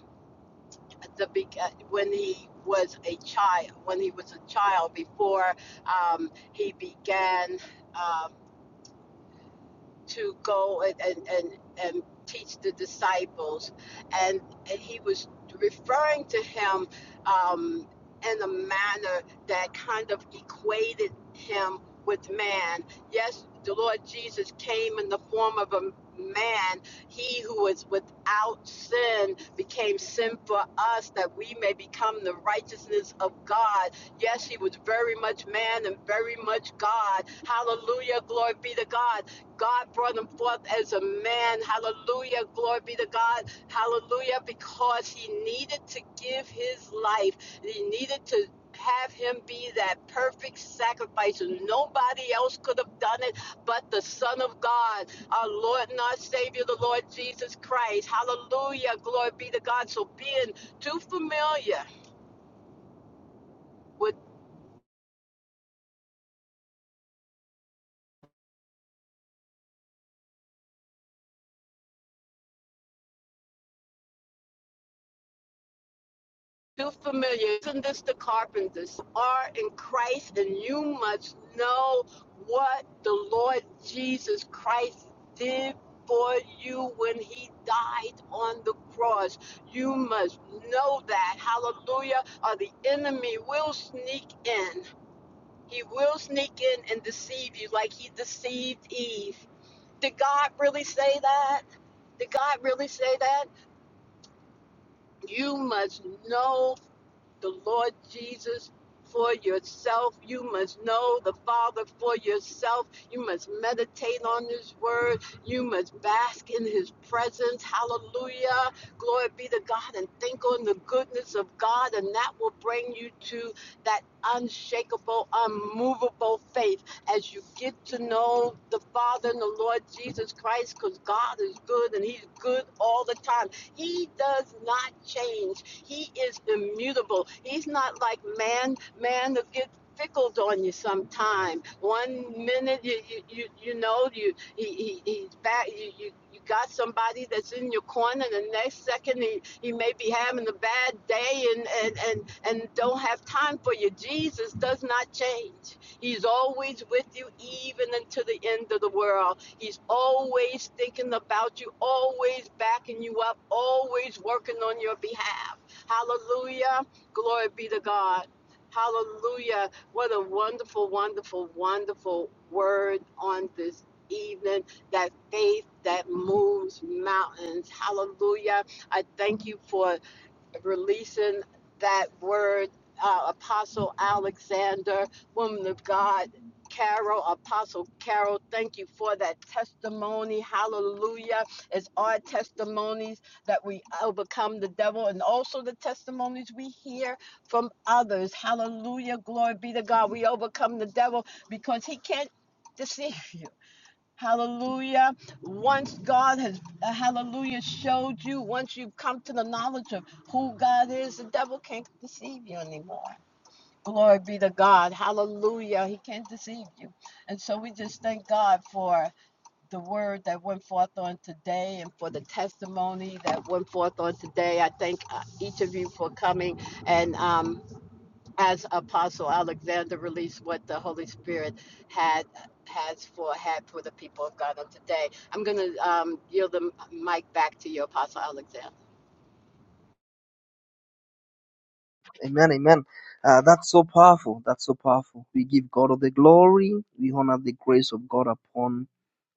A: at the be- uh, when he was a child, when he was a child before um, he began. Um, to go and, and, and, and teach the disciples. And, and he was referring to him um, in a manner that kind of equated him with man. Yes, the Lord Jesus came in the form of a man. He who was without sin became sin for us that we may become the righteousness of God. Yes, he was very much man and very much God. Hallelujah. Glory be to God God brought him forth as a man. Hallelujah. Glory be to God. Hallelujah. Because he needed to give his life. He needed to have him be that perfect sacrifice. Nobody else could have done it but the Son of God, our Lord and our Savior, the Lord Jesus Christ. Hallelujah. Glory be to God. So being too familiar. with. too familiar. Isn't this the carpenters are in Christ, and you must know what the Lord Jesus Christ did for you when he died on the cross. You must know that. Hallelujah. Or the enemy will sneak in. He will sneak in and deceive you like he deceived Eve. Did God really say that? Did God really say that? You must know the Lord Jesus for yourself. You must know the Father for yourself. You must meditate on His Word. You must bask in His presence. Hallelujah. Glory be to God. And think on the goodness of God, and that will bring you to that unshakable, unmovable faith as you get to know the Father and the Lord Jesus Christ because God is good and He's good all the time. He does not change. He is immutable. He's not like man. Man will get fickled on you sometime. One minute you you, you, you know you he, he, he's back. You, you you got somebody that's in your corner. The next second he, he may be having a bad day and and and and don't have time for you. Jesus does not change. He's always with you, even until the end of the world. He's always thinking about you, always backing you up, always working on your behalf. Hallelujah. Glory be to God. Hallelujah. What a wonderful, wonderful, wonderful word on this evening. That faith that moves mountains. Hallelujah. I thank you for releasing that word, uh, Apostle Alexander, woman of God, Carol, Apostle Carol, thank you for that testimony. Hallelujah. It's our testimonies that we overcome the devil and also the testimonies we hear from others. Hallelujah. Glory be to God. We overcome the devil because he can't deceive you. Hallelujah. Once God has, uh, hallelujah, showed you, once you've come to the knowledge of who God is, the devil can't deceive you anymore. Glory be to God. Hallelujah. He can't deceive you. And so we just thank God for the word that went forth on today and for the testimony that went forth on today. I thank uh, each of you for coming. And um, as Apostle Alexander released what the Holy Spirit had has for had for the people of God on today. I'm going to um, yield the mic back to you, Apostle Alexander.
B: Amen, amen. Uh, that's so powerful. That's so powerful. We give God all the glory. We honor the grace of God upon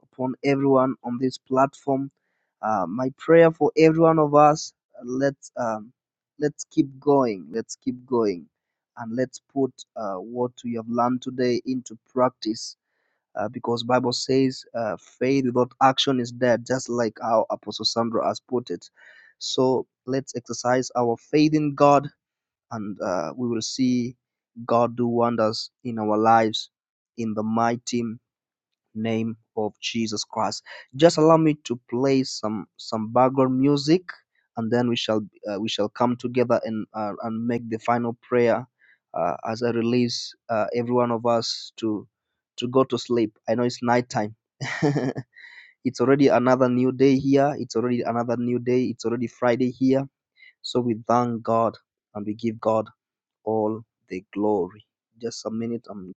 B: upon everyone on this platform. Uh, my prayer for every one of us. uh, Let's um, let's keep going. Let's keep going, and let's put uh, what we have learned today into practice uh, because bible says uh, faith without action is dead just like how apostle sandro has put it so let's exercise our faith in god and uh, we will see god do wonders in our lives in the mighty name of Jesus Christ. Just allow me to play some some background music, and then we shall uh, we shall come together and uh, and make the final prayer uh, as I release uh, every one of us to to go to sleep. I know it's night time. <laughs> it's already another new day here. It's already another new day. It's already Friday here. So we thank God and we give God all the glory. Just a minute. I'm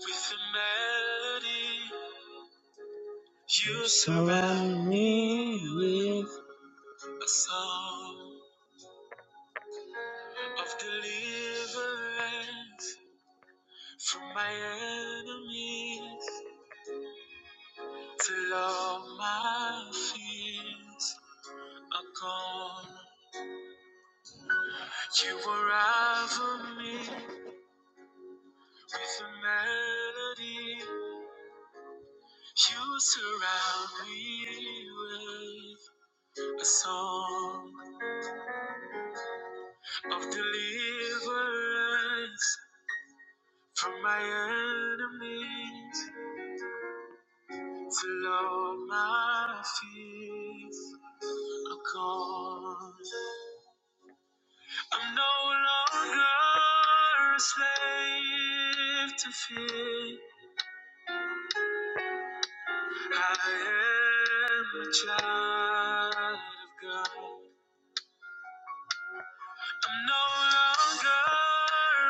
B: With a melody, you surround me with a song of deliverance from my enemies till all my fears are gone. You unravel me with a melody. You surround me with a song of deliverance from my enemies till all my fears are gone. I'm no longer a slave to fear. I am a child of God. I'm no longer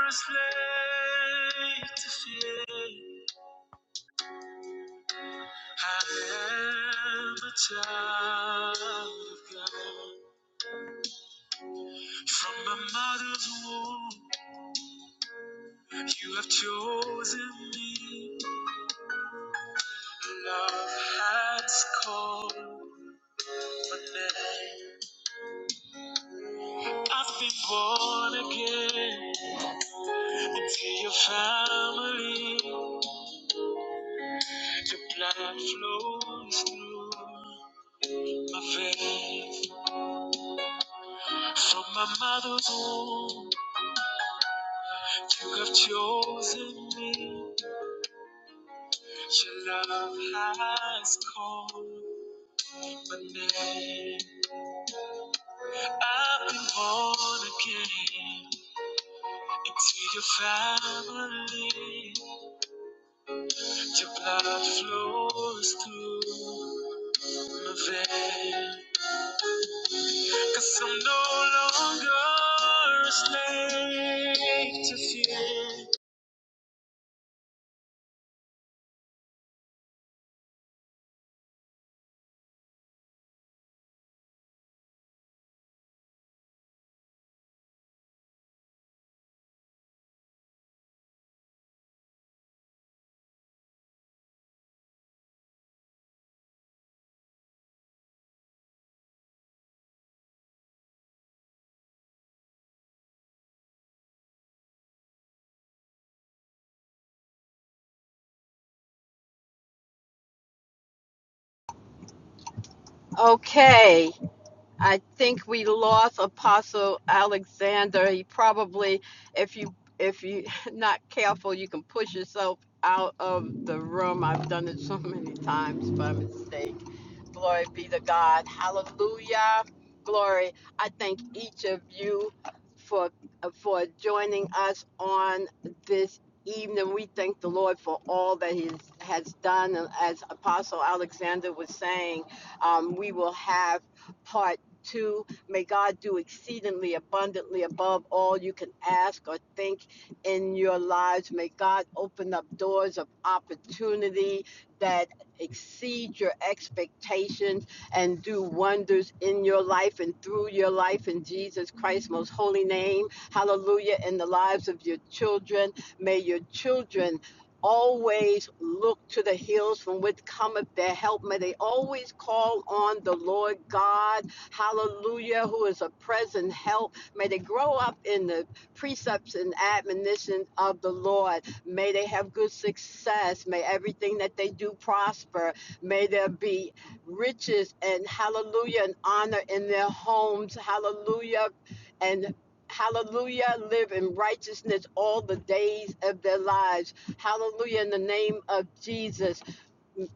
B: a slave to fear. I am a child of God. From my mother's womb, you have chosen me. Love has called my name. I've been born again into your family. Your blood flows through my veins. From my mother's womb, you have chosen me. Your love has called. I've been born again into your family. Your blood flows through my veins, i I'm no longer a slave to fear.
A: Okay. I think we lost Apostle Alexander. He probably, if you if you <laughs> not careful, you can push yourself out of the room. I've done it so many times by mistake. Glory be to God. Hallelujah. Glory. I thank each of you for for joining us on this evening. We thank the Lord for all that He has done. And as Apostle Alexander was saying, um, we will have part to. May God do exceedingly abundantly above all you can ask or think in your lives. May God open up doors of opportunity that exceed your expectations and do wonders in your life and through your life in Jesus Christ's most holy name. Hallelujah. In the lives of your children. May your children always look to the hills from which cometh their help. May they always call on the Lord God hallelujah, who is a present help. May they grow up in the precepts and admonition of the Lord. May they have good success. May everything that they do prosper. May there be riches and hallelujah and honor in their homes. Hallelujah and Hallelujah, live in righteousness all the days of their lives. Hallelujah, in the name of Jesus.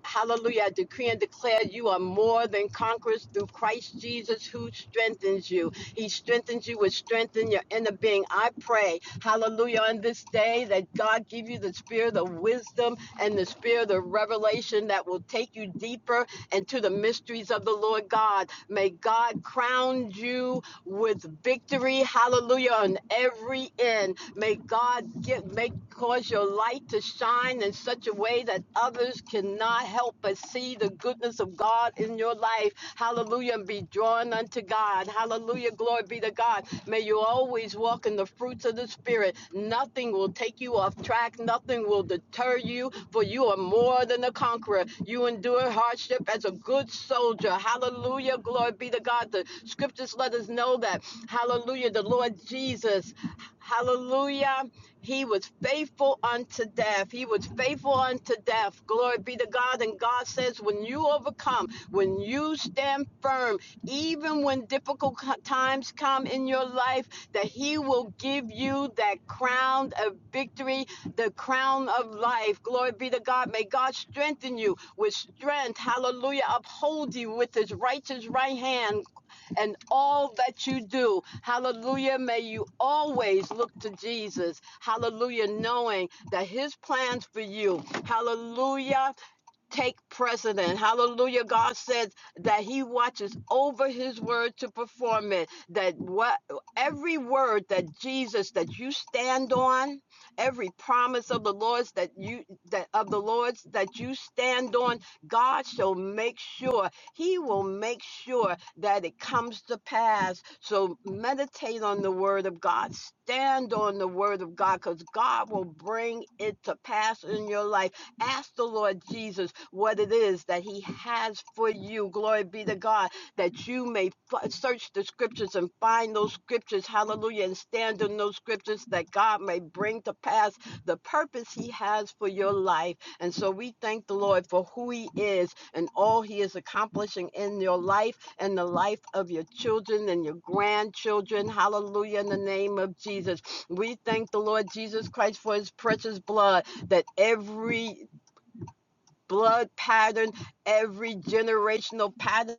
A: Hallelujah. I decree and declare you are more than conquerors through Christ Jesus who strengthens you. He strengthens you with strength in your inner being. I pray, hallelujah, on this day that God give you the spirit of wisdom and the spirit of revelation that will take you deeper into the mysteries of the Lord God. May God crown you with victory, hallelujah, on every end. May God give, make cause your light to shine in such a way that others cannot help but see the goodness of God in your life. Hallelujah, and be drawn unto God. Hallelujah, glory be to God. May you always walk in the fruits of the Spirit. Nothing will take you off track, nothing will deter you, for you are more than a conqueror. You endure hardship as a good soldier. Hallelujah, glory be to God. The scripture scriptures let us know that, hallelujah, the Lord Jesus, hallelujah, he was faithful unto death. He was faithful unto death. Glory be to God. And God says, when you overcome, when you stand firm, even when difficult times come in your life, that He will give you that crown of victory, the crown of life. Glory be to God. May God strengthen you with strength. Hallelujah. Uphold you with His righteous right hand and all that you do. Hallelujah. May you always look to Jesus. Hallelujah. Knowing that his plans for you, hallelujah, take precedent. Hallelujah. God says that he watches over his word to perform it. That what every word that Jesus that you stand on, every promise of the Lord's that you that of the Lord's that you stand on, God shall make sure. He will make sure that it comes to pass. So meditate on the word of God. Stand on the word of God because God will bring it to pass in your life Ask the Lord Jesus what it is that He has for you. Glory be to God that you may f- search the scriptures and find those scriptures. Hallelujah. And stand in those scriptures that God may bring to pass the purpose He has for your life. And so we thank the Lord for who He is and all He is accomplishing in your life and the life of your children and your grandchildren. Hallelujah. In the name of Jesus. We thank the Lord Jesus Christ for His precious blood that every blood pattern, every generational pattern.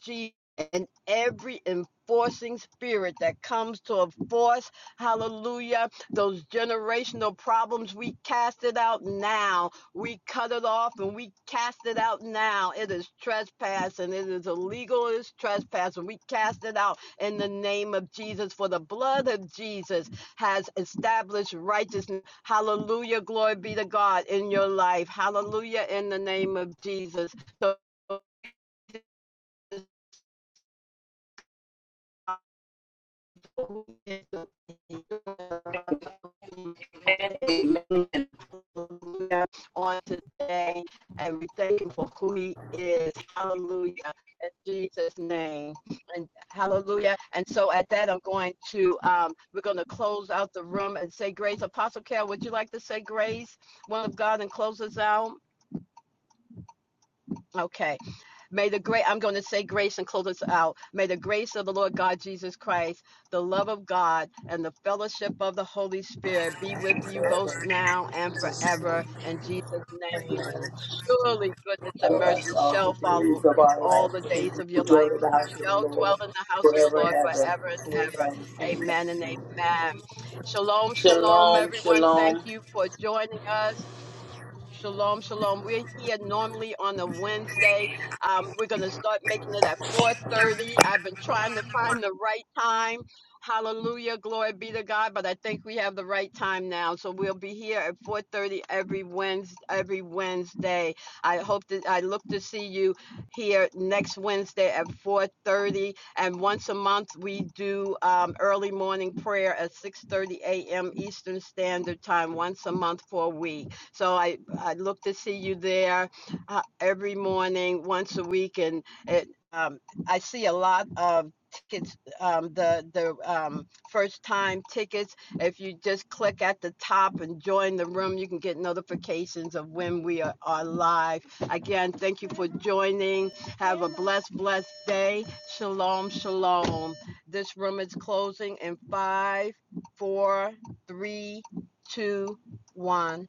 A: Jesus and every enforcing spirit that comes to enforce, hallelujah, those generational problems, we cast it out now. We cut it off and we cast it out now. It is trespass and it is illegal, it is trespass, and we cast it out in the name of Jesus. For the blood of Jesus has established righteousness. Hallelujah, glory be to God in your life. Hallelujah, in the name of Jesus. on today, and we thank him for who he is. Hallelujah. In Jesus' name. And hallelujah. And so at that, I'm going to, um, we're going to close out the room and say grace. Apostle Carol, would you like to say grace, one of God, and close us out? Okay. May the great, I'm going to say grace and close us out. May the grace of the Lord God Jesus Christ, the love of God, and the fellowship of the Holy Spirit be with you both now and forever. In Jesus' name, surely goodness and
C: follow us
A: mercy
C: all the
A: shall follow
C: days of
A: you
C: our
A: all the
C: life, and
A: days
C: we
A: of your
C: will
A: life.
C: dwell in the
A: You
C: house of
A: shall
C: the
A: dwell
C: Lord
A: in the house of the
C: forever and
A: Lord forever
C: ever.
A: and
C: Amen.
A: ever.
C: Amen.
A: Amen and amen. Shalom, shalom, everyone. Thank you for joining us. Shalom, shalom. We're here normally on a Wednesday. Um, we're gonna start making it at 4:30. I've been trying to find the right time. Hallelujah, glory be to God. But I think we have the right time now, so we'll be here at 4:30 every Wednesday. Every Wednesday. I hope that I look to see you here next Wednesday at 4:30. And once a month, we do um, early morning prayer at 6:30 a.m. Eastern Standard Time. Once a month for a week. So I, I look to see you there uh, every morning, once a week. And it, um, I see a lot of tickets, um, the, the um, first time tickets. If you just click at the top and join the room, you can get notifications of when we are, are live. Again, thank you for joining. Have a blessed, blessed day. Shalom, shalom. This room is closing in five, four, three, two, one.